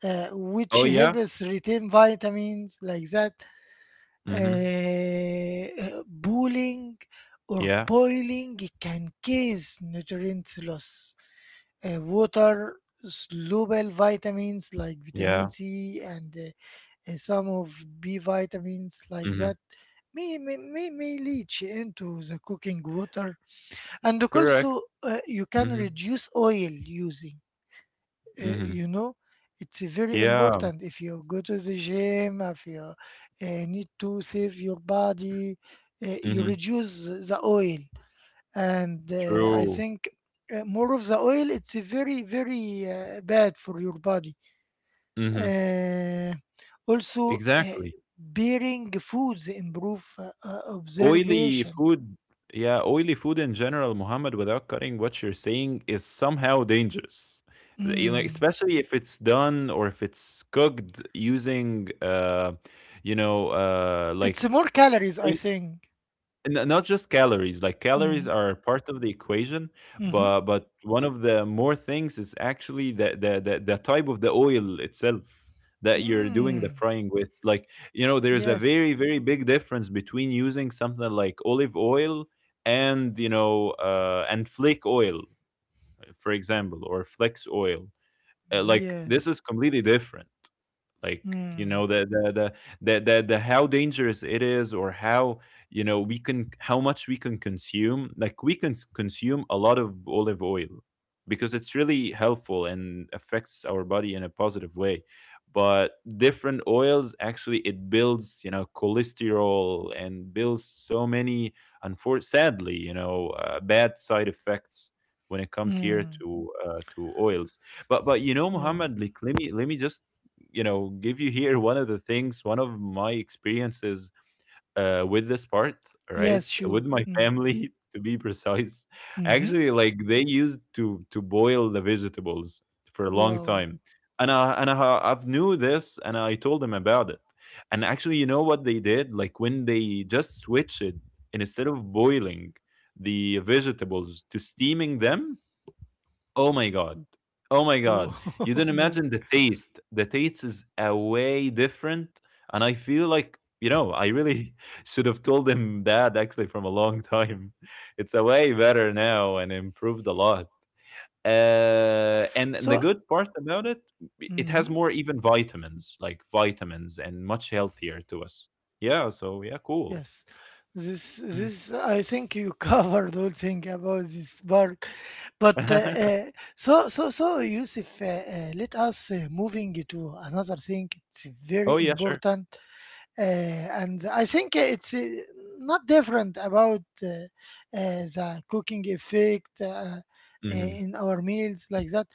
Speaker 1: uh, which
Speaker 2: Oh yeah.
Speaker 1: helps retain vitamins like that.
Speaker 2: Mhm.
Speaker 1: Uh, uh, boiling or
Speaker 2: Yeah.
Speaker 1: Boiling can cause nutrients loss, uh, water, soluble vitamins like vitamin
Speaker 2: Yeah.
Speaker 1: C and uh, uh, some of B vitamins like
Speaker 2: Mhm.
Speaker 1: that may, may, may, may leach into the cooking water. And
Speaker 2: Correct.
Speaker 1: also, uh, you can
Speaker 2: Mhm.
Speaker 1: reduce oil using, uh,
Speaker 2: Mhm.
Speaker 1: you know. It's very
Speaker 2: Yeah.
Speaker 1: important if you go to the gym, if you uh, need to save your body, uh, you
Speaker 2: Mhm.
Speaker 1: reduce the oil, and uh, I
Speaker 2: True.
Speaker 1: think uh, more of the oil it's very very uh, bad for your body.
Speaker 2: Mhm.
Speaker 1: Uh, Also, uh,
Speaker 2: Exactly.
Speaker 1: bearing foods improve uh, uh,
Speaker 2: Oily
Speaker 1: observation.
Speaker 2: food, yeah, oily food in general, Muhammad, without cutting what you're saying, is somehow dangerous. You know,
Speaker 1: Mm.
Speaker 2: especially if it's done or if it's cooked using, uh, you know, uh, like.
Speaker 1: It's more calories, I think.
Speaker 2: And N not just calories, like calories
Speaker 1: Mm.
Speaker 2: are part of the equation,
Speaker 1: Mm-hmm.
Speaker 2: but but one of the more things is actually the the the, the type of the oil itself that you're doing the
Speaker 1: Mm.
Speaker 2: frying with. Like, you know, there's a very,
Speaker 1: Yes.
Speaker 2: very big difference between using something like olive oil and, you know, uh and flake oil, for example, or flex oil. Uh, like this is
Speaker 1: Yes.
Speaker 2: completely different. Like you know
Speaker 1: Mm.
Speaker 2: the the the the the, the how dangerous it is or how, you know, we can how much we can consume. Like we can s- consume a lot of olive oil because it's really helpful and affects our body in a positive way, but different oils actually it builds, you know, cholesterol and builds so many unfor- sadly, you know, uh, bad side effects when it comes here
Speaker 1: Mm.
Speaker 2: to uh, to oils. but but you know,
Speaker 1: Yes.
Speaker 2: Muhammad, like, let me let me just, you know, give you here one of the things, one of my experiences uh with this part,
Speaker 1: Yes.
Speaker 2: right,
Speaker 1: Sure.
Speaker 2: with my
Speaker 1: Mm.
Speaker 2: family (laughs) to be precise.
Speaker 1: Mm-hmm.
Speaker 2: Actually like they used to to boil the vegetables for a long
Speaker 1: Wow.
Speaker 2: time. And I and I, I've knew this and I told them about it. And actually you know what they did, like when they just switched it, and instead of boiling the vegetables to steaming them. Oh my God. Oh my
Speaker 1: Oh
Speaker 2: God. You
Speaker 1: (laughs)
Speaker 2: don't
Speaker 1: my.
Speaker 2: imagine the taste. The taste is a way different. And I feel like, you know, I really (laughs) should have told him that actually from a long time. (laughs) It's a way better now and improved a lot. Uh, and, and the
Speaker 1: So.
Speaker 2: good part about it, it has
Speaker 1: Mm-hmm.
Speaker 2: more even vitamins, like vitamins, and much healthier to us. Yeah. So, yeah, cool.
Speaker 1: Yes, this
Speaker 2: Mm.
Speaker 1: this I think you (laughs) covered all thing about this park, but uh, uh,
Speaker 2: (laughs)
Speaker 1: so so so Yusuf, uh, uh, let us uh, moving to another thing. It's
Speaker 2: Oh,
Speaker 1: very
Speaker 2: yeah, sure.
Speaker 1: important, uh, and I think it's uh, not different about uh, uh, the cooking effect uh, uh,
Speaker 2: Hmm.
Speaker 1: in our meals like that.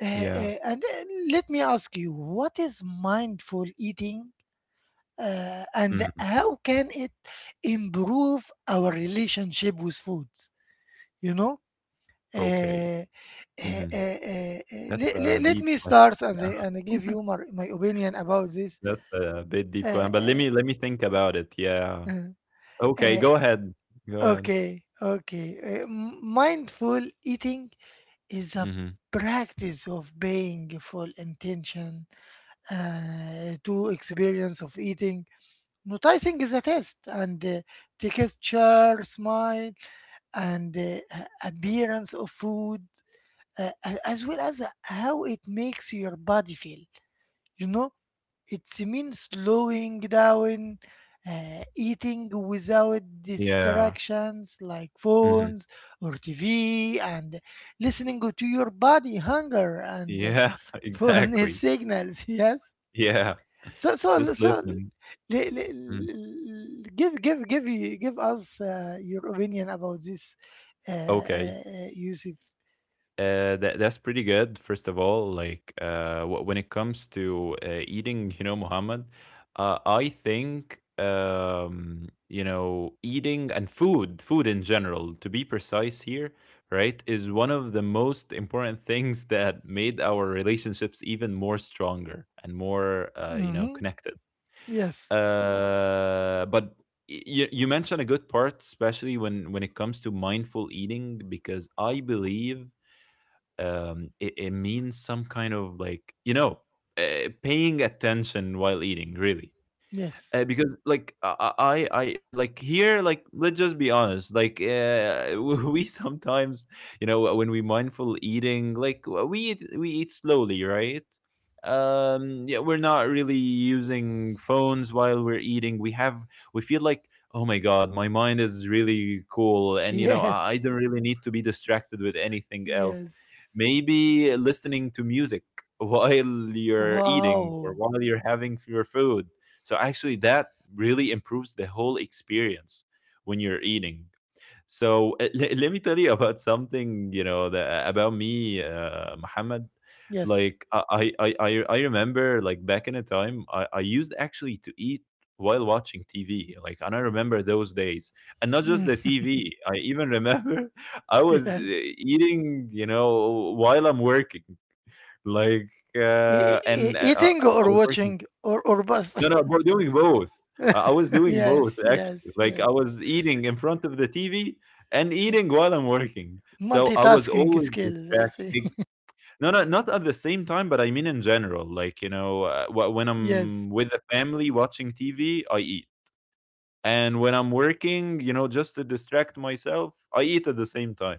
Speaker 1: Uh,
Speaker 2: Yeah.
Speaker 1: uh, and uh, Let me ask you, what is mindful eating? Uh, and
Speaker 2: Hmm.
Speaker 1: how can it improve our relationship with foods you know
Speaker 2: Okay.
Speaker 1: Uh, uh,
Speaker 2: Hmm.
Speaker 1: uh, uh, uh,
Speaker 2: That's
Speaker 1: le-
Speaker 2: a
Speaker 1: le- Let
Speaker 2: deep
Speaker 1: me
Speaker 2: question.
Speaker 1: start, and
Speaker 2: Yeah,
Speaker 1: I- and I give you my, my opinion about this.
Speaker 2: that's a bit deep
Speaker 1: Uh,
Speaker 2: question, but let
Speaker 1: uh,
Speaker 2: me let me think about it. Yeah.
Speaker 1: uh,
Speaker 2: Okay,
Speaker 1: uh,
Speaker 2: go ahead. Go ahead.
Speaker 1: okay, okay. Uh, m- mindful eating is a
Speaker 2: Mhm.
Speaker 1: practice of paying full intention, uh, to experience of eating. Noticing is a test, and uh, texture, smile, and uh, a- appearance of food, uh, a- as well as how it makes your body feel. You know, it's mean slowing down, uh, eating without
Speaker 2: Yeah.
Speaker 1: distractions like
Speaker 2: Mhm.
Speaker 1: phones or T V, and listening to your body hunger and (laughs) uh,
Speaker 2: Yeah, (laughs)
Speaker 1: fullness
Speaker 2: exactly.
Speaker 1: signals. (laughs) Yes.
Speaker 2: Yeah.
Speaker 1: So so
Speaker 2: Just
Speaker 1: so
Speaker 2: listen.
Speaker 1: le- le-
Speaker 2: Mm.
Speaker 1: le- give give give you Give us uh, your opinion about this, uh,
Speaker 2: Okay.
Speaker 1: uh, uh, Yusuf.
Speaker 2: Uh, that that's pretty good. First of all, like uh, wh- when it comes to uh, eating, (laughs) you know, Muhammad, uh, I think um, you know eating and food, food in general, to be precise here, right, is one of the most important (laughs) things that made our relationships even more stronger and more uh, you know
Speaker 1: Mm-hmm.
Speaker 2: connected.
Speaker 1: Yes.
Speaker 2: Uh, but you, you mentioned a good part, especially when when it comes to mindful eating because I believe um, it, it means some kind of like you know uh, paying attention while eating, really.
Speaker 1: Yes.
Speaker 2: uh, because like I, I I like here like let's just be honest, like uh, (laughs) we sometimes, you know, uh, when we mindful eating like uh, we eat, we eat slowly, right? um yeah, we're not really using phones while we're eating. We have, we feel like, oh my God, my mind is really cool, and you know I, I
Speaker 1: Yes.
Speaker 2: don't really need to be distracted with anything else,
Speaker 1: Yes.
Speaker 2: maybe listening to music (laughs) while you're eating or
Speaker 1: Wow.
Speaker 2: while you're having your food. So actually, that really improves the whole experience when you're eating. So uh, le- let me tell you about something, you know, that, about me, uh, Muhammad.
Speaker 1: Yes.
Speaker 2: Like I, I, I, I I remember, like back in a time, I, I used actually to eat while watching T V. Like, and I remember those days, and not just the
Speaker 1: Mm,
Speaker 2: T V. I even remember (laughs) I
Speaker 1: (laughs)
Speaker 2: was uh,
Speaker 1: yes.
Speaker 2: eating, you know, while I'm working. Like,
Speaker 1: E-
Speaker 2: uh,
Speaker 1: e- e-
Speaker 2: and uh, I
Speaker 1: eating or
Speaker 2: was working.
Speaker 1: watching or or both.
Speaker 2: No, no, we're doing both. Uh, I was
Speaker 1: (laughs)
Speaker 2: doing both
Speaker 1: Yes.
Speaker 2: actually.
Speaker 1: Yes.
Speaker 2: Like I
Speaker 1: Yes.
Speaker 2: was eating in front of the T V and
Speaker 1: Yeah.
Speaker 2: eating while I'm working. So I was
Speaker 1: Multitasking
Speaker 2: always
Speaker 1: skills, I say.
Speaker 2: distracted. No, no, not at the same time, but I mean in general. Like you know, uh, wh- when
Speaker 1: (laughs) Yes.
Speaker 2: I'm with the family watching T V, I eat, and when I'm working, you know, just to distract myself, I eat at the same time.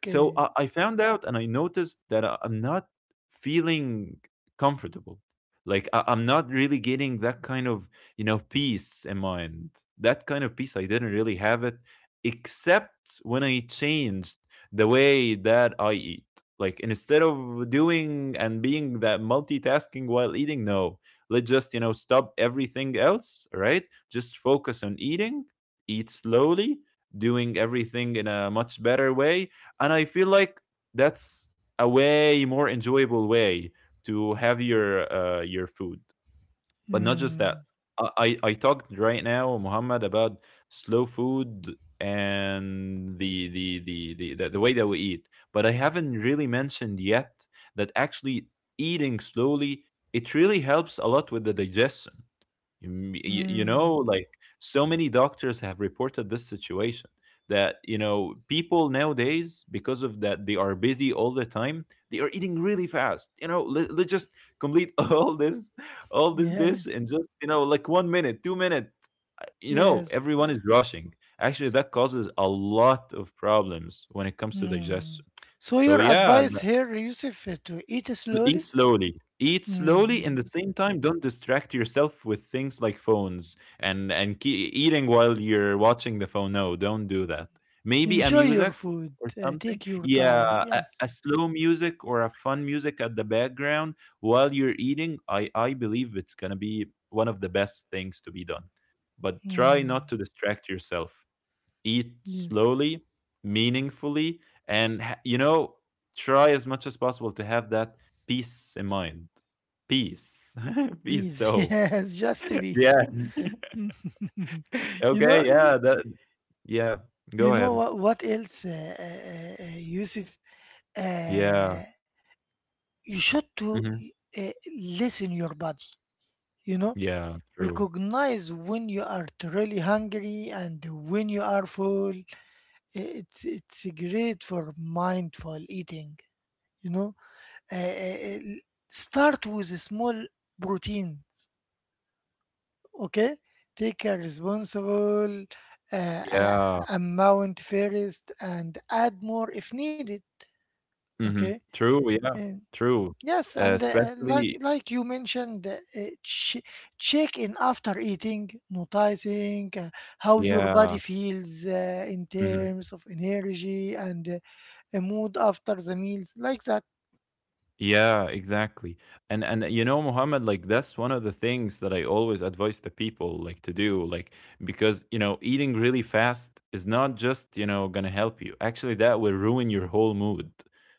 Speaker 2: So i, I found out and I noticed that I- i'm not feeling comfortable. Like I, i'm not really getting that kind of, you know, peace in mind. That kind of peace I didn't really have it except when I changed the way that I eat. Like instead of doing and being that multitasking while eating, no, let's just, you know, stop everything else, right, just focus on eating, eat slowly, doing everything in a much better way. And I feel like that's a way more enjoyable way to have your uh, your food. But not just that.
Speaker 1: Hmm.
Speaker 2: I, I I talked right now, Muhammad, about slow food and the the, the the the the way that we eat. But I haven't really mentioned yet that actually eating slowly, it really helps a lot with the digestion. You m- y- you know,
Speaker 1: Hmm.
Speaker 2: like so many doctors have reported this situation that, you know, people nowadays, because of that they are busy all the time, they are eating really fast. You know, let, let's just complete (laughs) all this, all this dish in
Speaker 1: Yes,
Speaker 2: just, you know, like one minute, two minute. Uh, you know,
Speaker 1: yes.
Speaker 2: everyone is rushing. Actually,
Speaker 1: S-
Speaker 2: that causes a lot of problems when it comes to
Speaker 1: Mm.
Speaker 2: digestion.
Speaker 1: So
Speaker 2: So
Speaker 1: your
Speaker 2: yeah.
Speaker 1: advice here, Yusuf, uh, to eat
Speaker 2: Sl- eat
Speaker 1: slowly.
Speaker 2: slowly. Eat slowly, and at
Speaker 1: Mhm.
Speaker 2: the same time, don't distract yourself with things like phones and and ke- eating while you're watching the phone. No, don't do that. Maybe a
Speaker 1: Enjoy your
Speaker 2: music
Speaker 1: food.
Speaker 2: or
Speaker 1: Uh,
Speaker 2: something.
Speaker 1: take your time.
Speaker 2: Yeah, a,
Speaker 1: Yes.
Speaker 2: a slow music or a fun music at the background while you're eating. I I believe it's gonna be one of the best things to be done. But try
Speaker 1: Mm.
Speaker 2: not to distract yourself, eat
Speaker 1: Yes.
Speaker 2: slowly, meaningfully, and ha- you know, try as much as possible to have that peace in mind. Peace, (laughs) peace.
Speaker 1: Please. (laughs)
Speaker 2: So
Speaker 1: Yes. Just to be.
Speaker 2: yeah,
Speaker 1: (laughs) You know.
Speaker 2: okay,
Speaker 1: y-
Speaker 2: yeah, that yeah. Go
Speaker 1: You know
Speaker 2: ahead.
Speaker 1: what? What else, uh, uh, uh, Yusuf?
Speaker 2: Yeah,
Speaker 1: Uh, you should to
Speaker 2: hmm,
Speaker 1: uh, listen your body. You know
Speaker 2: yeah, true.
Speaker 1: Recognize when you are truly hungry and when you are full. It's it's great for mindful eating you know Uh, uh, uh, Start with a small proteins. Okay. Take a responsible uh, uh,
Speaker 2: Yeah,
Speaker 1: amount first and add more if needed.
Speaker 2: hmm,
Speaker 1: Okay.
Speaker 2: true. Yeah,
Speaker 1: And.
Speaker 2: true.
Speaker 1: Yes,
Speaker 2: Uh,
Speaker 1: and uh, like
Speaker 2: especially
Speaker 1: like you mentioned, uh, uh, ch- check in after eating, noticing uh, how your
Speaker 2: yeah.
Speaker 1: body feels uh, in
Speaker 2: Mhm.
Speaker 1: terms of energy and uh, a mood after the meals, like that.
Speaker 2: Yeah, exactly. And and uh, you know, Muhammad, like that's one of the things that I always advise the people like to do, like because you know, eating really fast is not just, you know, gonna help you. Actually, that will ruin your whole mood.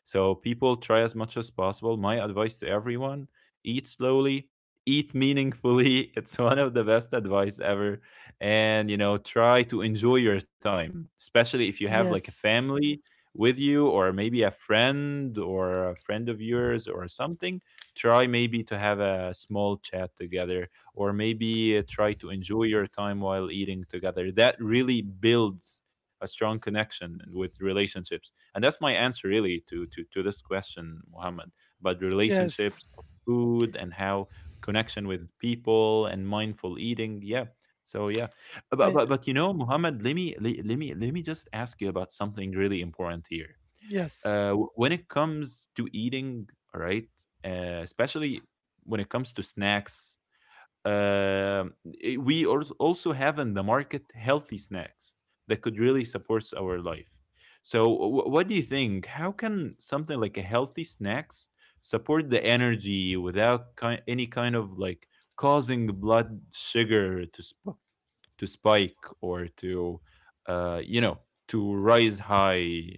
Speaker 2: So people, try as much as possible. My advice to everyone, eat slowly, eat meaningfully. (laughs) It's one of the best advice ever. And you know, try to enjoy your time, especially if you have like a
Speaker 1: Yes,
Speaker 2: family with you, or maybe a friend or a friend of yours or something. Try maybe to have a small chat together, or maybe uh, try to enjoy your time while eating together. That really builds a strong connection with relationships, and that's my answer really to to, to this question, Mohammed, about
Speaker 1: yes,
Speaker 2: relationships, food, and how connection with people and mindful eating. Yeah, so yeah. but
Speaker 1: I
Speaker 2: but but you know, Muhammad, let me le- let me let me just ask you about something really important here.
Speaker 1: yes.
Speaker 2: Uh, w- when it comes to eating, all right, uh, especially when it comes to snacks, um, i- we als- also have in the market healthy snacks that could really support our life. So, wh- what do you think? How can something like a healthy snacks support the energy without ki- any kind of like causing blood sugar to sp- to spike or to, uh, you know, to rise high?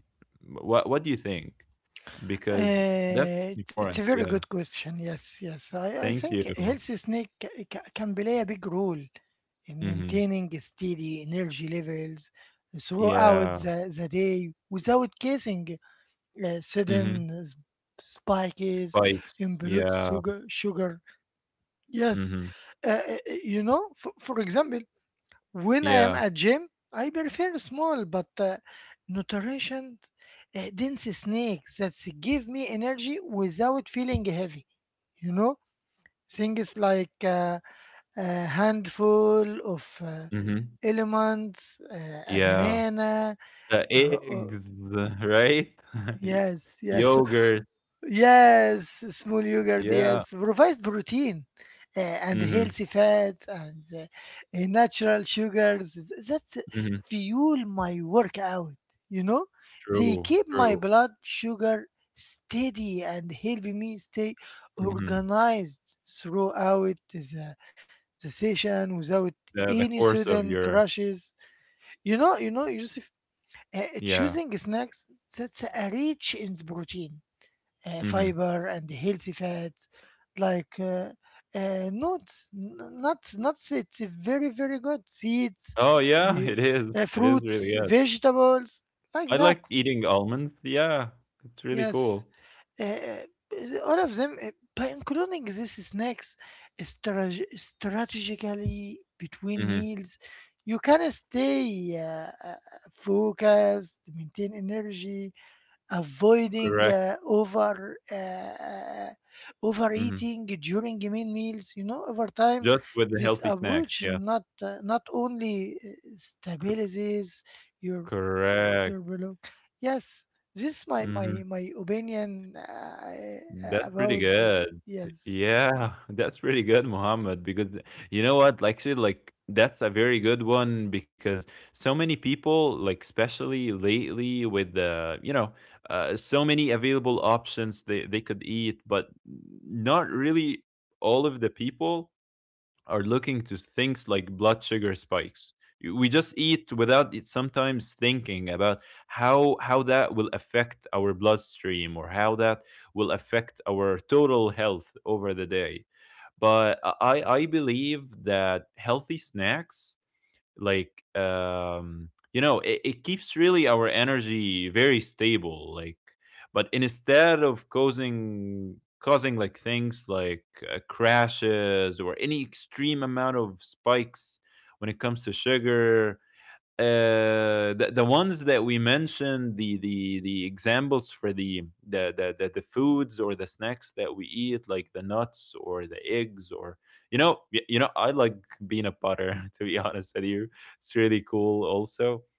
Speaker 2: what what do you think? Because that's
Speaker 1: Uh, it's it's a
Speaker 2: important.
Speaker 1: very
Speaker 2: Yeah,
Speaker 1: good question. Yes, yes. I, I
Speaker 2: thank
Speaker 1: think
Speaker 2: you.
Speaker 1: healthy snake ca- ca- can play a big role in
Speaker 2: Hmm,
Speaker 1: maintaining steady energy levels
Speaker 2: yeah,
Speaker 1: throughout the, the day without causing uh,
Speaker 2: hmm,
Speaker 1: sudden s- spikes in
Speaker 2: spikes,
Speaker 1: blood
Speaker 2: yeah,
Speaker 1: sugar. sugar. Yes.
Speaker 2: hmm,
Speaker 1: Uh, uh, you know, for, for example, when I am
Speaker 2: yeah,
Speaker 1: at gym, I prefer small but uh, nutritioned, uh, dense snacks that give me energy without feeling heavy. You know, Things like uh, a handful of uh,
Speaker 2: hmm,
Speaker 1: elements, uh, a
Speaker 2: yeah,
Speaker 1: banana,
Speaker 2: the
Speaker 1: or, or
Speaker 2: eggs, (laughs) right,
Speaker 1: yes,
Speaker 2: (laughs)
Speaker 1: yes,
Speaker 2: yogurt,
Speaker 1: yes, small yogurt,
Speaker 2: yeah,
Speaker 1: yes, provides protein uh, and
Speaker 2: hmm,
Speaker 1: healthy fats and uh, natural sugars th- that
Speaker 2: hmm,
Speaker 1: fuel my workout. You know, they
Speaker 2: true,
Speaker 1: keep my
Speaker 2: true,
Speaker 1: blood sugar steady and help me stay
Speaker 2: hmm,
Speaker 1: organized throughout the, the session without
Speaker 2: the
Speaker 1: any
Speaker 2: the course of
Speaker 1: sudden
Speaker 2: your,
Speaker 1: crashes. You know, you know, Yusuf, uh,
Speaker 2: yeah,
Speaker 1: choosing snacks that's uh, rich in protein, uh,
Speaker 2: hmm,
Speaker 1: fiber and healthy fats like uh, uh, nuts n- nuts nuts it's very very good seeds,
Speaker 2: oh
Speaker 1: uh,
Speaker 2: yeah, (laughs)
Speaker 1: you-
Speaker 2: it is,
Speaker 1: uh,
Speaker 2: it is really,
Speaker 1: fruits
Speaker 2: yeah.
Speaker 1: vegetables like
Speaker 2: I
Speaker 1: that.
Speaker 2: like eating almonds. Yeah, it's really
Speaker 1: Yes.
Speaker 2: cool.
Speaker 1: Uh, uh, all of them. Uh, by including these snacks strate- strategically between
Speaker 2: Mhm.
Speaker 1: meals you can stay uh, uh, focused, maintain energy, avoiding
Speaker 2: Correct.
Speaker 1: uh, over uh, uh,
Speaker 2: Mhm.
Speaker 1: overeating during main meals. You know over time
Speaker 2: Just with the
Speaker 1: this
Speaker 2: healthy snacks.
Speaker 1: approach
Speaker 2: Yeah.
Speaker 1: not uh, not only uh,
Speaker 2: C
Speaker 1: stabilizes your your
Speaker 2: correct.
Speaker 1: below. Yes, this my my
Speaker 2: Mhm.
Speaker 1: my opinion uh,
Speaker 2: That's pretty
Speaker 1: about this.
Speaker 2: good.
Speaker 1: Yes.
Speaker 2: Yeah, (laughs) that's pretty good, Mohammed, because you know what? Like, actually, like, that's a very good one, because so many people, like, especially lately with the, you know, uh, so many available options, they, they could eat, but not really all of the people are looking to things like blood sugar spikes. We just eat without it sometimes, thinking about how how that will affect our bloodstream, or how that will affect our total health over the day. But uh, I I believe that healthy snacks, like, um, you know, it, it keeps really our energy very stable, like but instead of causing causing like things like uh, crashes or any extreme amount of spikes when it comes to sugar. Uh, the, the ones that we mentioned, the the the examples for the the, the the the foods or the snacks that we eat, like the nuts or the eggs, or, you know, y- you know I like peanut butter (laughs) to be honest with you, it's really cool also.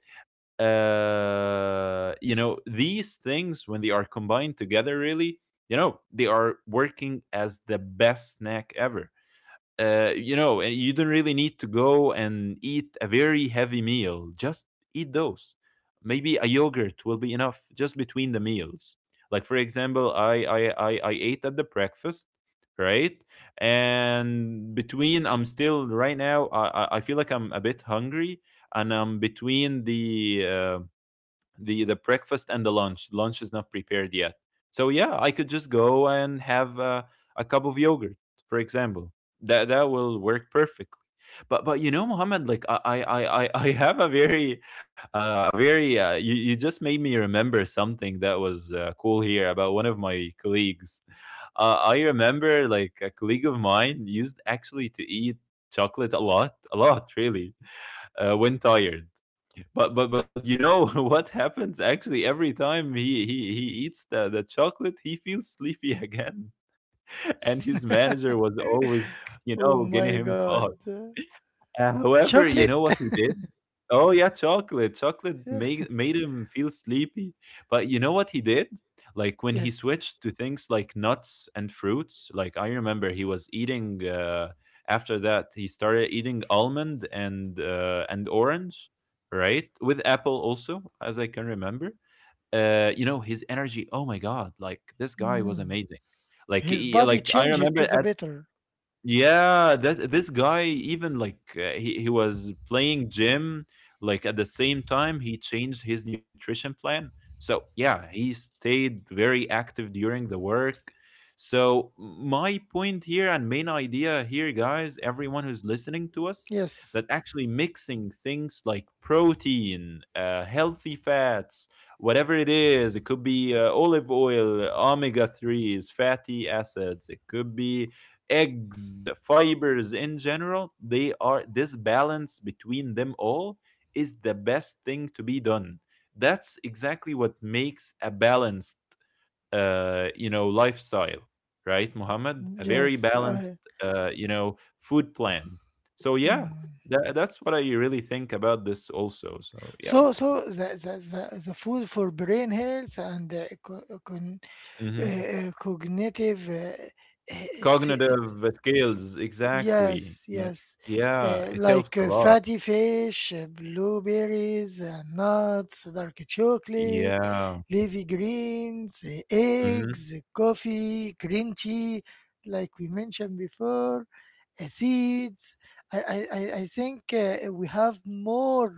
Speaker 2: uh You know, these things when they are combined together, really, you know, they are working as the best snack ever. Uh, you know, and you don't really need to go and eat a very heavy meal. Just eat those. Maybe a yogurt will be enough just between the meals. Like for example, I I I, I ate at the breakfast, right? And between, I'm still right now, I I I feel like I'm a bit hungry, and I'm between the uh, the the breakfast and the lunch. Lunch is not prepared yet. So yeah, I could just go and have uh, a cup of yogurt, for example. That that will work perfectly. But but you know, Mohammed, like I I I I (laughs) I have a very uh, a very uh, you you just made me remember something that was uh, cool here about one of my colleagues. Uh, I remember like a colleague of mine used actually to eat chocolate a lot, a lot really, uh, when tired. But but but you know (laughs) what happens, actually every time he he he eats the the chocolate, he feels sleepy again. (laughs) And his manager
Speaker 1: (laughs)
Speaker 2: was always, you
Speaker 1: Oh
Speaker 2: know, getting
Speaker 1: my
Speaker 2: him (laughs)
Speaker 1: god.
Speaker 2: caught. Uh, however, you
Speaker 1: Chocolate.
Speaker 2: know what he did? Oh yeah, chocolate. Chocolate
Speaker 1: (laughs)
Speaker 2: made made him feel sleepy. But you know what he did? Like when he
Speaker 1: Yes.
Speaker 2: switched to things like nuts and fruits, like I remember he was eating uh after that he started eating almond and uh and orange, right? With apple also, as I can remember. Uh you know, his energy, oh my god, like this guy was
Speaker 1: Mm.
Speaker 2: amazing. Like
Speaker 1: His
Speaker 2: he,
Speaker 1: body
Speaker 2: like I
Speaker 1: changed to
Speaker 2: remember,
Speaker 1: the better.
Speaker 2: yeah, that this guy, even like, uh, he he was playing gym. Like at the same time, he changed his nutrition plan. So yeah, he stayed very active during the work. So my point here and main idea here, guys, everyone who's listening to us,
Speaker 1: Yes.
Speaker 2: that actually mixing things like protein, uh, healthy fats, whatever it is, it could be uh, olive oil, omega threes, fatty acids, it could be eggs, fibers in general, they are, this balance between them all is the best thing to be done. That's exactly what makes a balanced, uh, you know, lifestyle, right, Muhammad? A very
Speaker 1: Yes,
Speaker 2: balanced,
Speaker 1: I.
Speaker 2: uh, you know, food plan. So yeah,
Speaker 1: Mm.
Speaker 2: that, that's what I really think about this also. So yeah,
Speaker 1: So, so the, the, the, the food for brain health and uh, co- con, uh,
Speaker 2: hmm,
Speaker 1: uh, cognitive, uh, uh, it's, it's
Speaker 2: cognitive skills, exactly.
Speaker 1: Yes,
Speaker 2: Yeah,
Speaker 1: yes.
Speaker 2: yeah,
Speaker 1: Uh,
Speaker 2: it helps
Speaker 1: like
Speaker 2: a
Speaker 1: uh,
Speaker 2: lot.
Speaker 1: fatty fish, uh, blueberries, uh, nuts, dark chocolate,
Speaker 2: Yeah,
Speaker 1: leafy greens, uh,
Speaker 2: hmm,
Speaker 1: eggs, uh, coffee, green tea, like we mentioned before, uh, seeds. I, I, I I think uh, we have more,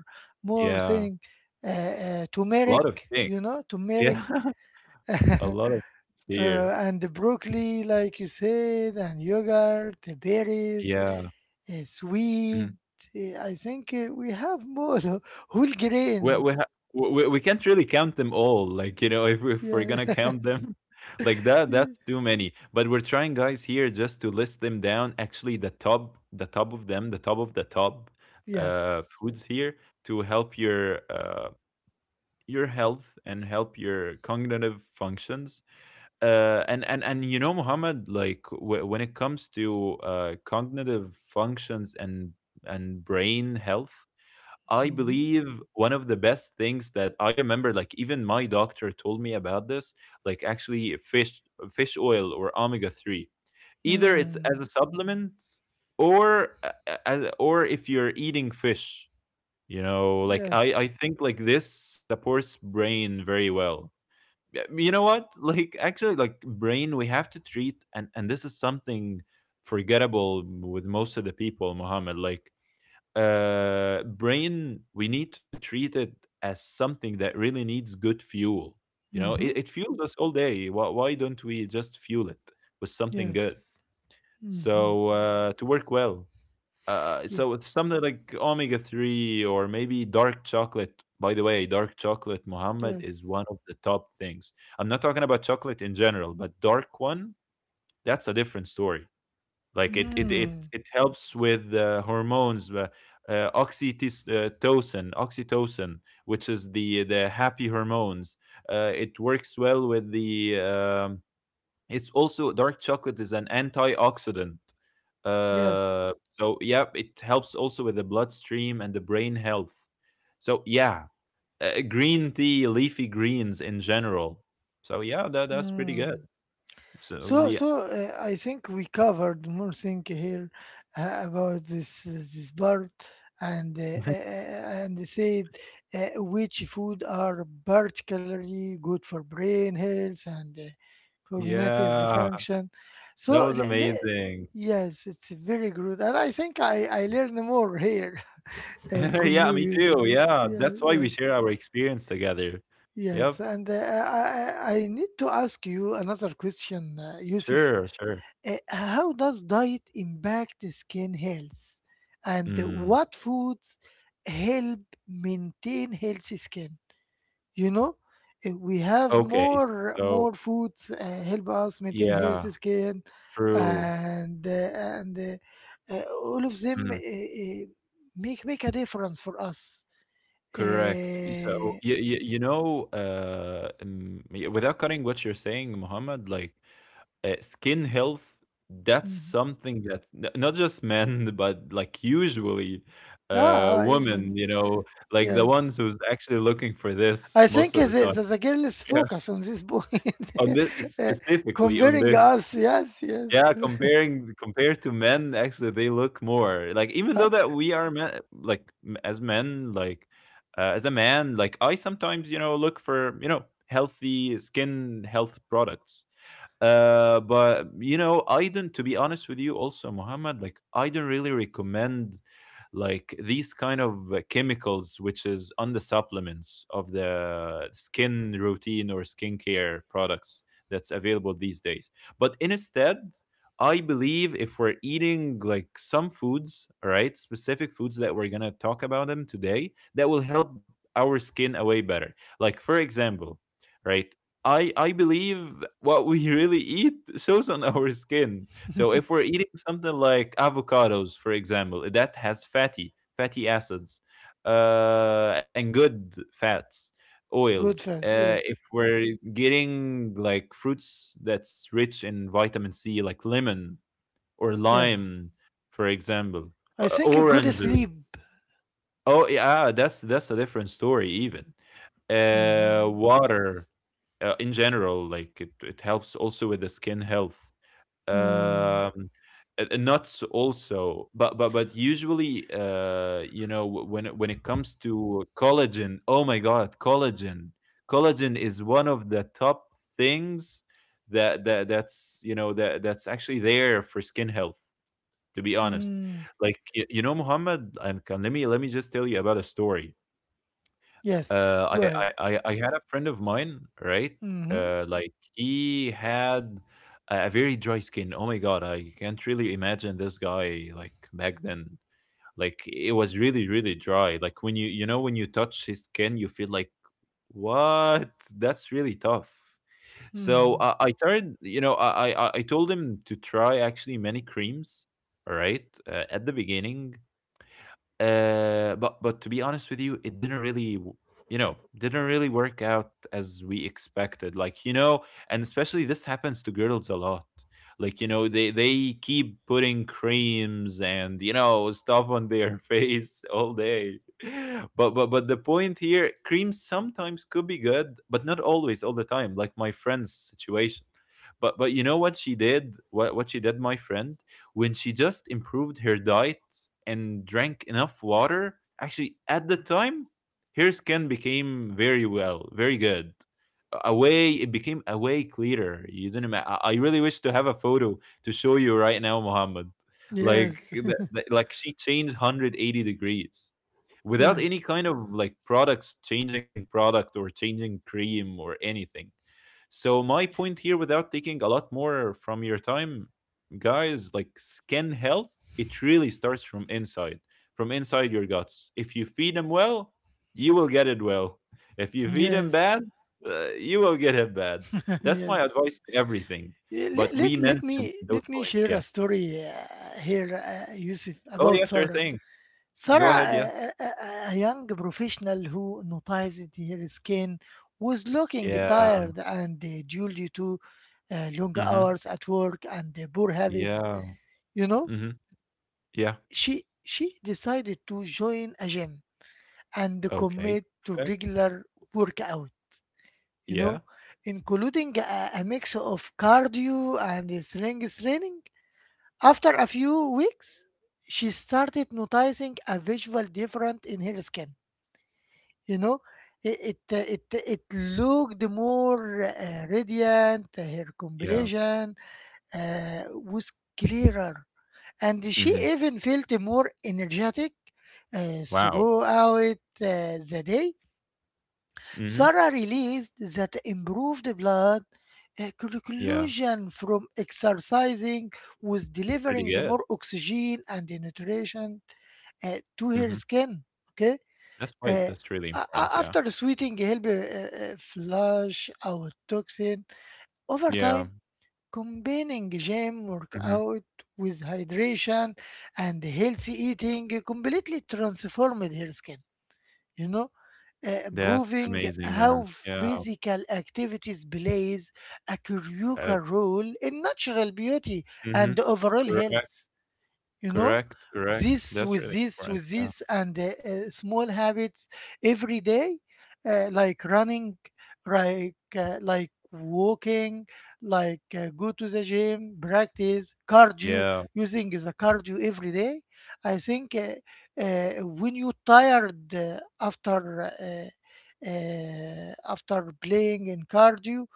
Speaker 1: more
Speaker 2: yeah.
Speaker 1: thing. Uh, uh,
Speaker 2: A lot
Speaker 1: turmeric,
Speaker 2: of things.
Speaker 1: you know, turmeric.
Speaker 2: Yeah, (laughs) a
Speaker 1: (laughs) uh,
Speaker 2: lot of things here.
Speaker 1: and the broccoli, like you said, and yogurt, the berries,
Speaker 2: Yeah.
Speaker 1: uh, sweet.
Speaker 2: Mhm.
Speaker 1: uh, I think uh, we have more (laughs) whole
Speaker 2: We we
Speaker 1: grains.
Speaker 2: ha we we we can't really count them all, like, you know, if we- if we're gonna count
Speaker 1: Yes. (laughs)
Speaker 2: them, (laughs) like, that that's too many. But we're trying, guys, here just to list them down. Actually, the top the top of them, the top of the top, uh,
Speaker 1: Yes.
Speaker 2: foods here to help your, uh, your health and help your cognitive functions. uh, and and and you know, Muhammad, like w- when it comes to uh, cognitive functions and and brain health, I
Speaker 1: Mhm.
Speaker 2: believe one of the best things that I remember, like even my doctor told me about this, like actually fish fish oil or omega three, either it's as
Speaker 1: Mm.
Speaker 2: a supplement or a- a- as, or if you're eating fish. You know, like I I
Speaker 1: Yes.
Speaker 2: think like this supports brain very well. Yeah, you know what, like actually like brain, we have to treat, and and this is something forgettable with most of the people, Mohammed. Like uh brain, we need to treat it as something that really needs good fuel. You know, it, it
Speaker 1: Hmm.
Speaker 2: fuels us all day. Why, why don't we just fuel it with something good,
Speaker 1: Yes. Hmm.
Speaker 2: so uh to work well. Uh, so with something like omega three, or maybe dark chocolate. By the way, dark chocolate, Muhammad, is
Speaker 1: Yes.
Speaker 2: one of the top things. I'm not talking about chocolate in general, but dark one, that's a different story. Like it it it,
Speaker 1: Mm.
Speaker 2: it helps with the hormones, uh, uh, oxytocin oxytocin which is the the happy hormones. Uh, it works well with the um, it's also dark chocolate is an antioxidant. Uh,
Speaker 1: Yes.
Speaker 2: so yeah, it helps also with the bloodstream and the brain health. So yeah, uh, green tea, leafy greens in general. So yeah, that that's pretty good.
Speaker 1: Mm.
Speaker 2: So
Speaker 1: So,
Speaker 2: yeah,
Speaker 1: so uh, I think we covered more thing here uh, about this uh, this part, and uh, uh,
Speaker 2: (laughs)
Speaker 1: uh, and said uh, which food are particularly good for brain health and uh, cognitive
Speaker 2: yeah,
Speaker 1: function.
Speaker 2: that
Speaker 1: So,
Speaker 2: was
Speaker 1: le- le-
Speaker 2: amazing.
Speaker 1: yes, it's very good, and I think I I learned more here (laughs) uh,
Speaker 2: (laughs)
Speaker 1: from
Speaker 2: Yeah,
Speaker 1: you,
Speaker 2: me
Speaker 1: Yusuf.
Speaker 2: too. Yeah,
Speaker 1: Yeah,
Speaker 2: that's why
Speaker 1: yeah.
Speaker 2: we share our experience together.
Speaker 1: Yes,
Speaker 2: Yep,
Speaker 1: and uh, I, I I need to ask you another question, uh, Yusuf.
Speaker 2: sure, sure.
Speaker 1: Uh, how does diet impact skin health? And
Speaker 2: Mm,
Speaker 1: what foods help maintain healthy skin? You know, uh, we have
Speaker 2: okay,
Speaker 1: more
Speaker 2: so
Speaker 1: more foods uh, help us maintain
Speaker 2: yeah,
Speaker 1: healthy skin,
Speaker 2: true.
Speaker 1: and uh, and uh, uh, all of them uh,
Speaker 2: Mm.
Speaker 1: uh, make make a difference for us.
Speaker 2: Correct. So
Speaker 1: Uh,
Speaker 2: you, you, you know, uh, um, y- without cutting what you're saying, Muhammad, like uh, skin health, that's
Speaker 1: mhm.
Speaker 2: something that n- not just men, (laughs) but like usually uh,
Speaker 1: ah, ah,
Speaker 2: women, you know, like the ones
Speaker 1: yes.
Speaker 2: who's actually looking for this
Speaker 1: I
Speaker 2: most
Speaker 1: think
Speaker 2: of
Speaker 1: the,
Speaker 2: the time.
Speaker 1: the, the girl is
Speaker 2: Yeah.
Speaker 1: focused on this point,
Speaker 2: On this,
Speaker 1: (laughs) uh,
Speaker 2: specifically on
Speaker 1: comparing
Speaker 2: this.
Speaker 1: us. Yes, yes.
Speaker 2: Yeah, comparing, compared to men, actually, they look more like, even
Speaker 1: Uh,
Speaker 2: though that we are men, like m- as men, like uh, as a man, like I sometimes, you know, look for, you know, healthy skin health products. Uh, but you know, I don't. To be honest with you, also Muhammad, like I don't really recommend like these kind of uh, chemicals, which is on the supplements of the skin routine or skincare products that's available these days. But instead, I believe if we're eating like some foods, all right, specific foods that we're gonna talk about them today, that will help our skin away better. Like, for example, right? I I believe what we (laughs) really eat shows on our skin. So
Speaker 1: (laughs)
Speaker 2: if we're eating something like avocados, for example, that has fatty fatty acids, uh, and good fats, oils.
Speaker 1: Good friend.
Speaker 2: Uh, if
Speaker 1: Yes,
Speaker 2: we're getting like fruits that's rich in vitamin C, like lemon or
Speaker 1: yes.
Speaker 2: lime, for example,
Speaker 1: I
Speaker 2: uh,
Speaker 1: think a good
Speaker 2: oranges.
Speaker 1: sleep.
Speaker 2: Oh yeah, that's that's a different story. Even uh
Speaker 1: Hmm.
Speaker 2: water, uh, in general, like it, it helps also with the skin health. um
Speaker 1: Mm,
Speaker 2: uh, uh, Nuts also, but but but usually, uh, you know, wh- when it- when it comes to collagen. Oh my god, collagen collagen is one of the top things that that that's you know, that that's actually there for skin health, to be honest.
Speaker 1: mm.
Speaker 2: Like y- you know, Muhammad, and can let me let me just tell you about a story. Uh,
Speaker 1: Yes,
Speaker 2: I,
Speaker 1: go
Speaker 2: I
Speaker 1: ahead.
Speaker 2: I I had a friend of mine, right?
Speaker 1: Hmm.
Speaker 2: Uh, like he had a a very dry skin. Oh my god, I can't really imagine this guy like back then. Like it was really really dry. Like when you you know, when you touch his skin, you feel like, what? That's really tough. So I
Speaker 1: Mm.
Speaker 2: I tried. You know, I I I I told him to try actually many creams. All right, uh, at the beginning, uh, but but to be honest with you, it didn't really, w- you know, didn't really work out as we expected. Like, you know, and especially this happens to girls a lot. Like, you know, they they keep putting creams and, you know, stuff on their (laughs) face all day. (laughs) But but but the point here, creams sometimes could be good, but not always all the time. Like my friend's situation. But but you know what she did? What what she did, my friend? When she just improved her diet and drank enough water, actually, at the time, her skin became very well, very good. A It became a way clearer. You don't. Ima- I I really wish to have a photo to show you right now, Muhammad. Like,
Speaker 1: Yes,
Speaker 2: that, that- like she changed one hundred eighty degrees
Speaker 1: (laughs)
Speaker 2: without
Speaker 1: yes,
Speaker 2: any kind of like products, changing product or changing cream or anything. So my point here, without taking a lot more from your time, guys, like skin health, it really starts from inside, from inside your guts. If you feed them well, you will get it well. If you feed them
Speaker 1: yes,
Speaker 2: bad, uh, you will get it bad.
Speaker 1: (laughs)
Speaker 2: That's my
Speaker 1: yes.
Speaker 2: advice to everything.
Speaker 1: Yeah, Let,
Speaker 2: But we
Speaker 1: let, let me
Speaker 2: mentioned those
Speaker 1: let me
Speaker 2: points.
Speaker 1: share
Speaker 2: Yeah.
Speaker 1: a story uh, here, uh, Yusuf,
Speaker 2: Oh
Speaker 1: about
Speaker 2: yeah, sure
Speaker 1: Sarah.
Speaker 2: thing. Go
Speaker 1: Sarah,
Speaker 2: ahead. Yeah.
Speaker 1: a, a, a young professional who noticed her skin was looking
Speaker 2: Yeah.
Speaker 1: tired and, uh, due to uh, long
Speaker 2: Mm-hmm.
Speaker 1: hours at work and uh, poor habits,
Speaker 2: Yeah.
Speaker 1: you know,
Speaker 2: Mm-hmm. Yeah.
Speaker 1: she she decided to join a gym and
Speaker 2: Okay,
Speaker 1: commit to
Speaker 2: perfect.
Speaker 1: regular workout, you
Speaker 2: Yeah,
Speaker 1: know, including a, a mix of cardio and strength training. After a few weeks, she started noticing a visual difference in her skin you know it it uh, it, it looked more uh, radiant, uh, her
Speaker 2: yeah.
Speaker 1: complexion uh, was clearer, and she
Speaker 2: Mhm.
Speaker 1: even felt more energetic uh,
Speaker 2: Wow.
Speaker 1: throughout uh, the day.
Speaker 2: Mhm.
Speaker 1: Sarah realized that improved blood uh,
Speaker 2: Yeah,
Speaker 1: circulation from exercising was
Speaker 2: it's pretty
Speaker 1: delivering
Speaker 2: good.
Speaker 1: more oxygen and nutrition uh, to her
Speaker 2: Mhm.
Speaker 1: skin. Okay.
Speaker 2: That's why it's,
Speaker 1: آه،
Speaker 2: that's really
Speaker 1: a- a-
Speaker 2: important, yeah.
Speaker 1: After sweating help uh, uh, flush out toxin over
Speaker 2: Yeah,
Speaker 1: time, combining gym
Speaker 2: mhm.
Speaker 1: workout with hydration and healthy eating completely transformed her skin, you know uh,
Speaker 2: That's
Speaker 1: proving
Speaker 2: amazing, man.
Speaker 1: how
Speaker 2: Yeah,
Speaker 1: physical activities plays a
Speaker 2: uh,
Speaker 1: critical role in natural beauty
Speaker 2: mhm.
Speaker 1: and overall
Speaker 2: Correct,
Speaker 1: health you know
Speaker 2: correct, correct.
Speaker 1: this
Speaker 2: That's
Speaker 1: with
Speaker 2: really
Speaker 1: this
Speaker 2: important,
Speaker 1: with
Speaker 2: yeah.
Speaker 1: this and uh, uh, small habits every day, uh, like running, like uh, like walking, like uh, go to the gym, practice cardio,
Speaker 2: Yeah,
Speaker 1: using the cardio every day. I think, uh, uh, when you tired, uh, after uh, uh, after playing in cardio,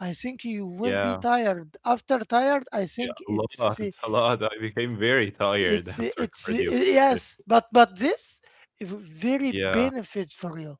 Speaker 1: I think you will be
Speaker 2: yeah,
Speaker 1: tired. After tired, I
Speaker 2: yeah,
Speaker 1: think
Speaker 2: a lot,
Speaker 1: it's uh,
Speaker 2: (laughs) a lot. I became very tired
Speaker 1: it's
Speaker 2: after
Speaker 1: it's
Speaker 2: cardio. But
Speaker 1: yes, but but this very
Speaker 2: yeah,
Speaker 1: benefit for you.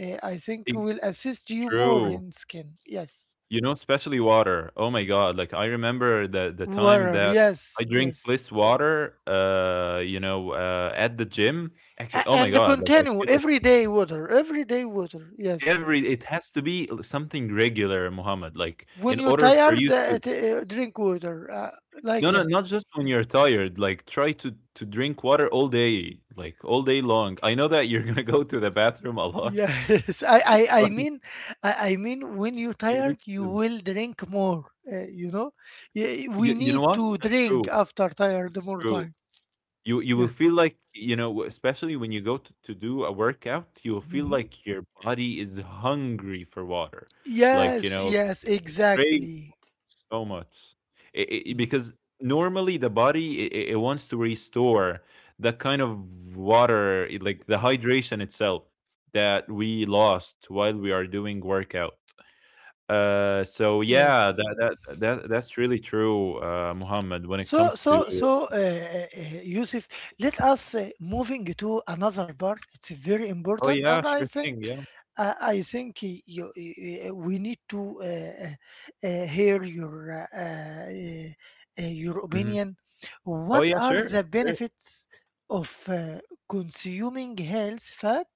Speaker 1: Uh, I think
Speaker 2: it
Speaker 1: will assist you more
Speaker 2: true.
Speaker 1: in skin. Yes,
Speaker 2: You know, especially water. Oh my god, like I remember the the time
Speaker 1: water.
Speaker 2: that I
Speaker 1: Yes,
Speaker 2: drink
Speaker 1: yes,
Speaker 2: less water, uh, you know, uh, at the gym. Actually,
Speaker 1: A-
Speaker 2: oh my
Speaker 1: and
Speaker 2: god, like I
Speaker 1: continue
Speaker 2: feel like
Speaker 1: every day water. Every day water. Yes,
Speaker 2: every it has to be l- something regular, Muhammad. Like in
Speaker 1: when you
Speaker 2: order for you
Speaker 1: tired, uh, eh,
Speaker 2: to,
Speaker 1: t- uh, drink water uh, like
Speaker 2: no, no,
Speaker 1: that.
Speaker 2: not just when you're tired. Like try to to drink water all day, like all day long. I know that you're (laughs) gonna go to the bathroom a lot,
Speaker 1: Yes, (laughs) I, I,
Speaker 2: (laughs)
Speaker 1: I
Speaker 2: but
Speaker 1: mean, I, I mean, when you
Speaker 2: you need
Speaker 1: tired, you
Speaker 2: to.
Speaker 1: will drink more. Uh, you know, Y- we
Speaker 2: You, you know
Speaker 1: need
Speaker 2: what?
Speaker 1: to
Speaker 2: That's
Speaker 1: drink
Speaker 2: true.
Speaker 1: after tired
Speaker 2: That's
Speaker 1: more
Speaker 2: true.
Speaker 1: time.
Speaker 2: You you will
Speaker 1: Yes.
Speaker 2: feel like, you know, especially when you go to, to do a workout, you will feel
Speaker 1: Hmm.
Speaker 2: like your body is hungry for water. Like, you
Speaker 1: Yes,
Speaker 2: know,
Speaker 1: yes,
Speaker 2: crave
Speaker 1: exactly.
Speaker 2: so much. It, it,
Speaker 1: Mm.
Speaker 2: because normally the body, it, it it wants to restore that kind of water, it- like the hydration itself that we lost while we are doing workout. Uh, so yeah,
Speaker 1: Yes.
Speaker 2: that that that that's really true, uh, Muhammad. When it
Speaker 1: So,
Speaker 2: comes to,
Speaker 1: so, so, uh, uh, uh, Yusuf, let us uh, moving to another part. It's very
Speaker 2: oh
Speaker 1: important,
Speaker 2: yeah,
Speaker 1: and I
Speaker 2: sure
Speaker 1: think,
Speaker 2: thing, yeah.
Speaker 1: uh, I think y- you, y- uh, we need to uh, uh, uh, hear your uh, uh, uh, your
Speaker 2: Mhm.
Speaker 1: opinion.
Speaker 2: Oh,
Speaker 1: What
Speaker 2: yeah,
Speaker 1: are
Speaker 2: sure,
Speaker 1: the
Speaker 2: sure.
Speaker 1: benefits of uh, consuming health fat,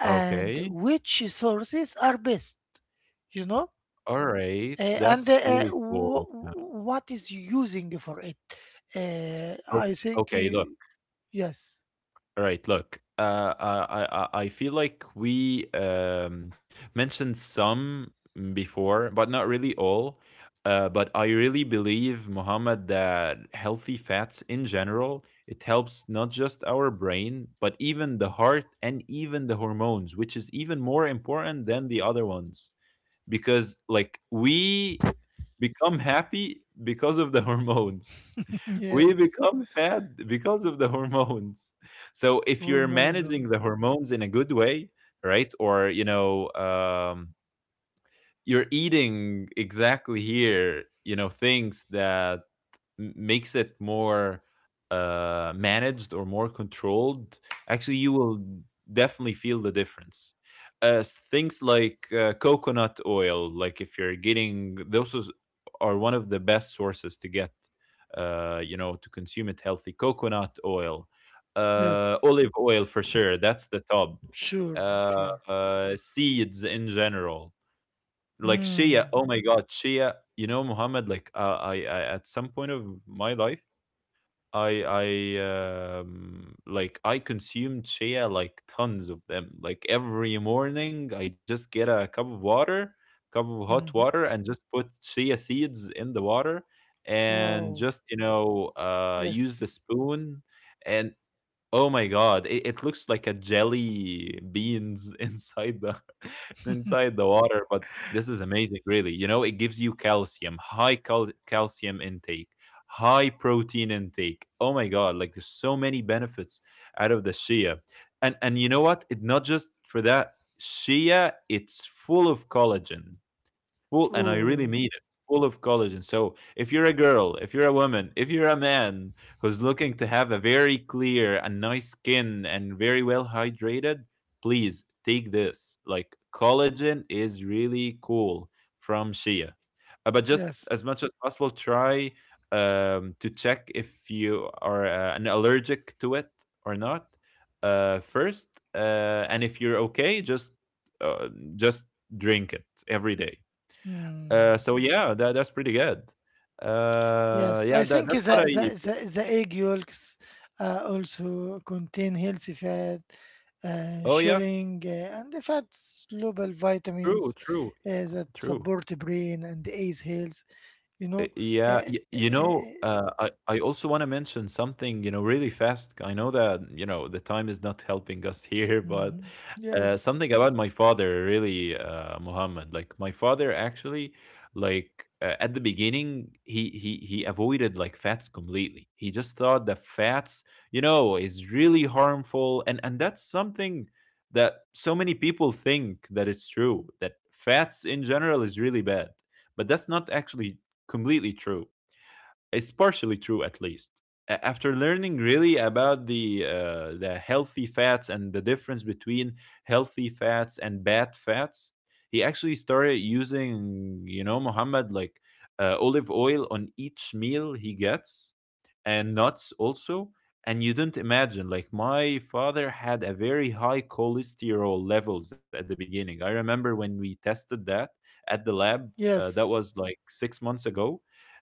Speaker 1: and
Speaker 2: Okay.
Speaker 1: which sources are best? You know? Uh,
Speaker 2: Alright.
Speaker 1: and uh,
Speaker 2: That's really
Speaker 1: uh,
Speaker 2: cool. Yeah.
Speaker 1: what is using for it? Uh,
Speaker 2: Ok
Speaker 1: I think
Speaker 2: okay, look.
Speaker 1: you, yes,
Speaker 2: Alright, look. Uh, uh, I I I feel like we, um, mentioned some before, but not really all. Uh, but I really believe, Muhammad, that healthy fats in general, it helps not just our brain, but even the heart and even the hormones, which is even more important than the other ones. Because, like, we become happy because of the hormones. We
Speaker 1: yes.
Speaker 2: become sad because of the hormones. So if
Speaker 1: Oh
Speaker 2: you're
Speaker 1: my God,
Speaker 2: managing the hormones in a good way, right? Or, you know, um, you're eating exactly here, you know, things that m- makes it more uh, managed or more controlled, actually, you will definitely feel the difference. Uh, s- things like uh, coconut oil, like if you're getting those is- are one of the best sources to get, uh, you know, to consume it healthy. Coconut oil, uh,
Speaker 1: yes,
Speaker 2: olive oil for sure. That's the top.
Speaker 1: sure,
Speaker 2: Uh,
Speaker 1: sure.
Speaker 2: uh, seeds in general, like shia.
Speaker 1: Mm.
Speaker 2: Oh my god, shia. You know, Muhammad. Like uh, I, I, at some point of my life. I I um, like I consumed chia like tons of them. Like every morning, I just get a cup of water, cup of
Speaker 1: Hmm.
Speaker 2: hot
Speaker 1: Mm-hmm.
Speaker 2: water, and just put chia seeds in the water, and
Speaker 1: Wow,
Speaker 2: just, you know, uh use the
Speaker 1: yes.
Speaker 2: spoon, and oh my god, it, it looks like a jelly beans (laughs) inside the (laughs) inside the water. But this is amazing, really. You know, it gives you calcium, high cal- calcium intake, high protein intake. Oh my god, like there's so many benefits out of the shea. And and you know what? It not just for that shea, it's full of collagen, full, and I really
Speaker 1: Oh,
Speaker 2: mean it, full of collagen. So if you're a girl, if you're a woman, if you're a man who's looking to have a very clear and nice skin and very well hydrated, please take this. Like collagen is really cool from Shea. Uh, but just
Speaker 1: yes.
Speaker 2: as much as possible, try um, to check if you are uh, an allergic to it or not, uh, first. Uh, and if you're okay, just uh, just drink it every day.
Speaker 1: Hmm.
Speaker 2: Uh, so yeah, that that's pretty good. Uh,
Speaker 1: Yes, I
Speaker 2: yeah, that
Speaker 1: think the
Speaker 2: that's what I.
Speaker 1: the the, the egg yolks uh, also contain healthy fat, uh,
Speaker 2: Oh yeah,
Speaker 1: showing, uh, and the fats soluble
Speaker 2: true,
Speaker 1: vitamins
Speaker 2: true,
Speaker 1: uh, that
Speaker 2: true.
Speaker 1: support the brain and eyes health. You
Speaker 2: Uh,
Speaker 1: know. Uh,
Speaker 2: Yeah, y- you
Speaker 1: uh,
Speaker 2: know, uh, I I also want to mention something, you know, really fast. I know that, you know, the time is not helping us (laughs) here, but
Speaker 1: mhm.
Speaker 2: uh,
Speaker 1: Yes.
Speaker 2: something about my father, really, uh, Mohammed. Like my father actually, like uh, at the beginning, he he he avoided like fats completely. He just thought that fats, you know, is really harmful, and and that's something that so many people think that it's true, that fats in general is really bad, but that's not actually completely true. It's partially true, at least. A- After learning really about the uh, the healthy fats and the difference between healthy fats and bad fats, he actually started using, you know, Muhammad, like uh, olive oil on each meal he gets, and nuts also. And you don't imagine, like my father had a very high cholesterol levels at the beginning. I remember when we tested that at the lab. Uh, that
Speaker 1: Yes.
Speaker 2: was like six months ago,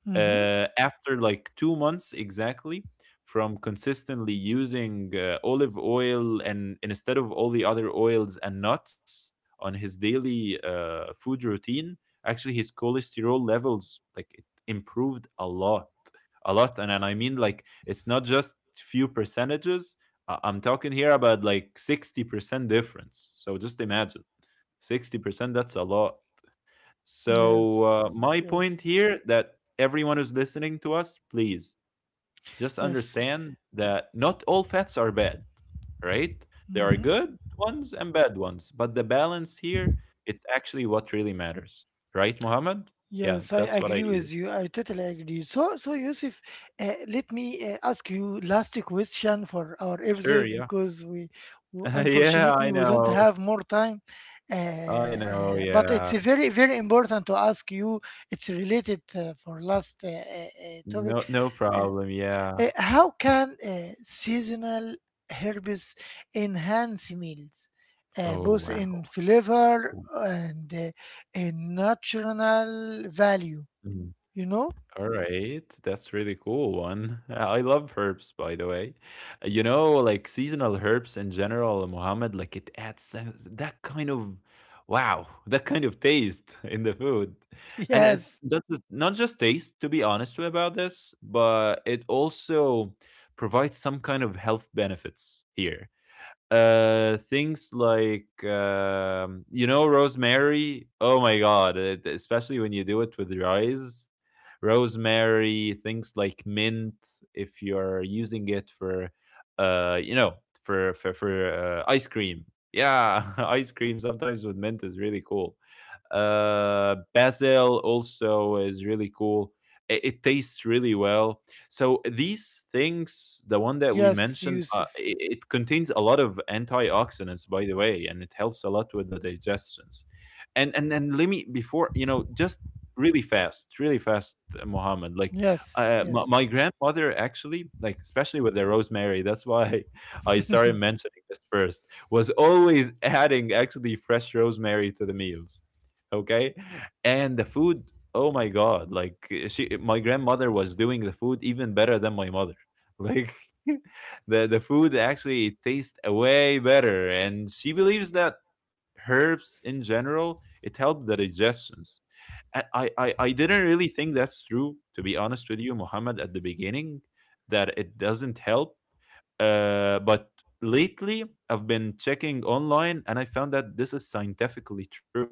Speaker 1: Hmm.
Speaker 2: uh, after like two months exactly, from consistently using uh, olive oil and instead of all the other oils and nuts on his daily uh, food routine, actually his cholesterol levels, like it improved a lot, a lot. and, and I mean, like it's not just few percentages, I- I'm talking here about like sixty percent difference, so just imagine, sixty percent, that's a lot. So uh,
Speaker 1: Yes.
Speaker 2: my point
Speaker 1: Yes.
Speaker 2: here, that everyone who's listening to us, please just
Speaker 1: Yes.
Speaker 2: understand that not all fats are bad, right? There are
Speaker 1: Hmm.
Speaker 2: good ones and bad ones, but the balance here, it's actually what really matters, right, Mohammed? Yeah,
Speaker 1: Yes, I
Speaker 2: that's what
Speaker 1: agree
Speaker 2: I.
Speaker 1: with you. I totally agree. So, so Yusuf, uh, let me uh, ask you last question for our
Speaker 2: Sure,
Speaker 1: episode,
Speaker 2: yeah,
Speaker 1: because we, w
Speaker 2: (laughs) yeah,
Speaker 1: unfortunately
Speaker 2: I
Speaker 1: we don't
Speaker 2: know,
Speaker 1: have more time. Uh,
Speaker 2: I know,
Speaker 1: uh, but
Speaker 2: yeah,
Speaker 1: it's a very, very important to ask you. It's related uh, for last uh, uh, uh, topic.
Speaker 2: no, no
Speaker 1: Uh,
Speaker 2: problem, yeah.
Speaker 1: uh, how can uh, seasonal herbs enhance meals, uh,
Speaker 2: Oh
Speaker 1: both
Speaker 2: wow.
Speaker 1: in flavor and uh, in natural value? You know? (laughs)
Speaker 2: All right, that's really cool one. (laughs) I love herbs, by the way. Uh, You know, like seasonal herbs in general, Mohammed, like it adds uh, that kind of wow, (laughs) that kind of taste (laughs) in the food. And it
Speaker 1: Yes,
Speaker 2: not just, not just taste, to be honest about this, but it also provides some kind of health benefits here. Uh, things like um, you know, rosemary. Oh my god! It- especially when you do it with rice, rosemary, things like mint, if you're using it for, uh, you know, for for for uh, ice cream. Yeah, (laughs) ice cream sometimes with mint is really cool. Uh, basil also is really cool. It, it tastes really well. So these things, the one that we
Speaker 1: yes,
Speaker 2: mentioned, uh,
Speaker 1: Yusuf.
Speaker 2: it, it contains a lot of antioxidants, by the way, and it helps a lot with the digestions. And and and let me, before you know, just really fast, really fast, uh, Mohammed. Like
Speaker 1: Yes,
Speaker 2: uh, my,
Speaker 1: yes.
Speaker 2: my grandmother actually, like especially with the rosemary, that's why (laughs) I
Speaker 1: (laughs)
Speaker 2: started mentioning this first. Was always adding actually fresh rosemary to the meals, okay, and the food. Oh my god, like eh, she eh, my grandmother was doing the food even better than my mother. (laughs) Like (laughs) the the food actually tastes way better, and she believes that herbs in general, it helped the digestions. And I, I, I didn't really think that's true, to be honest with you, Muhammad, at the beginning, that it doesn't help. Uh, but lately, I've been checking online and I found that this is scientifically true.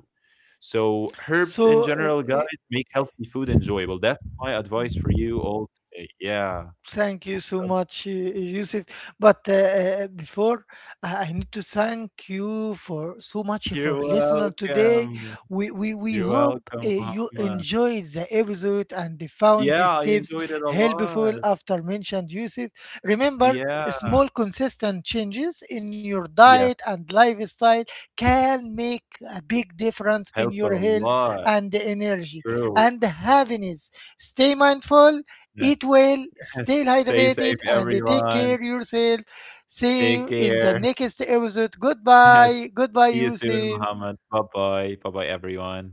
Speaker 2: So, herbs in
Speaker 1: So,
Speaker 2: general,
Speaker 1: uh,
Speaker 2: guys, make healthy food enjoyable. That's my advice for you all today. Yeah.
Speaker 1: Thank you
Speaker 2: (laughs)
Speaker 1: so
Speaker 2: So-
Speaker 1: much, uh, Yusuf. But uh, uh, Before, I I need to thank you for so much
Speaker 2: You're
Speaker 1: for listening today.
Speaker 2: welcome.
Speaker 1: We we, we
Speaker 2: You're
Speaker 1: hope uh,
Speaker 2: welcome,
Speaker 1: you
Speaker 2: Muhammad.
Speaker 1: enjoyed the episode and found these
Speaker 2: Yeah, I
Speaker 1: tips
Speaker 2: enjoyed it a
Speaker 1: helpful
Speaker 2: lot.
Speaker 1: after mentioned, Yusuf. Remember,
Speaker 2: Yeah,
Speaker 1: small consistent changes in your diet
Speaker 2: yeah,
Speaker 1: and lifestyle can make a big difference
Speaker 2: help
Speaker 1: in
Speaker 2: a
Speaker 1: your health
Speaker 2: lot.
Speaker 1: and energy
Speaker 2: True.
Speaker 1: and happiness. Stay mindful.
Speaker 2: Yeah.
Speaker 1: Eat well,
Speaker 2: (laughs)
Speaker 1: stay
Speaker 2: Stay safe,
Speaker 1: hydrated, and take
Speaker 2: everyone.
Speaker 1: care yourself. See
Speaker 2: Take
Speaker 1: you in the
Speaker 2: care.
Speaker 1: next episode.
Speaker 2: (laughs) See
Speaker 1: Goodbye. Goodbye,
Speaker 2: you soon,
Speaker 1: Yusuf.
Speaker 2: Muhammad. Bye bye. Bye bye, everyone.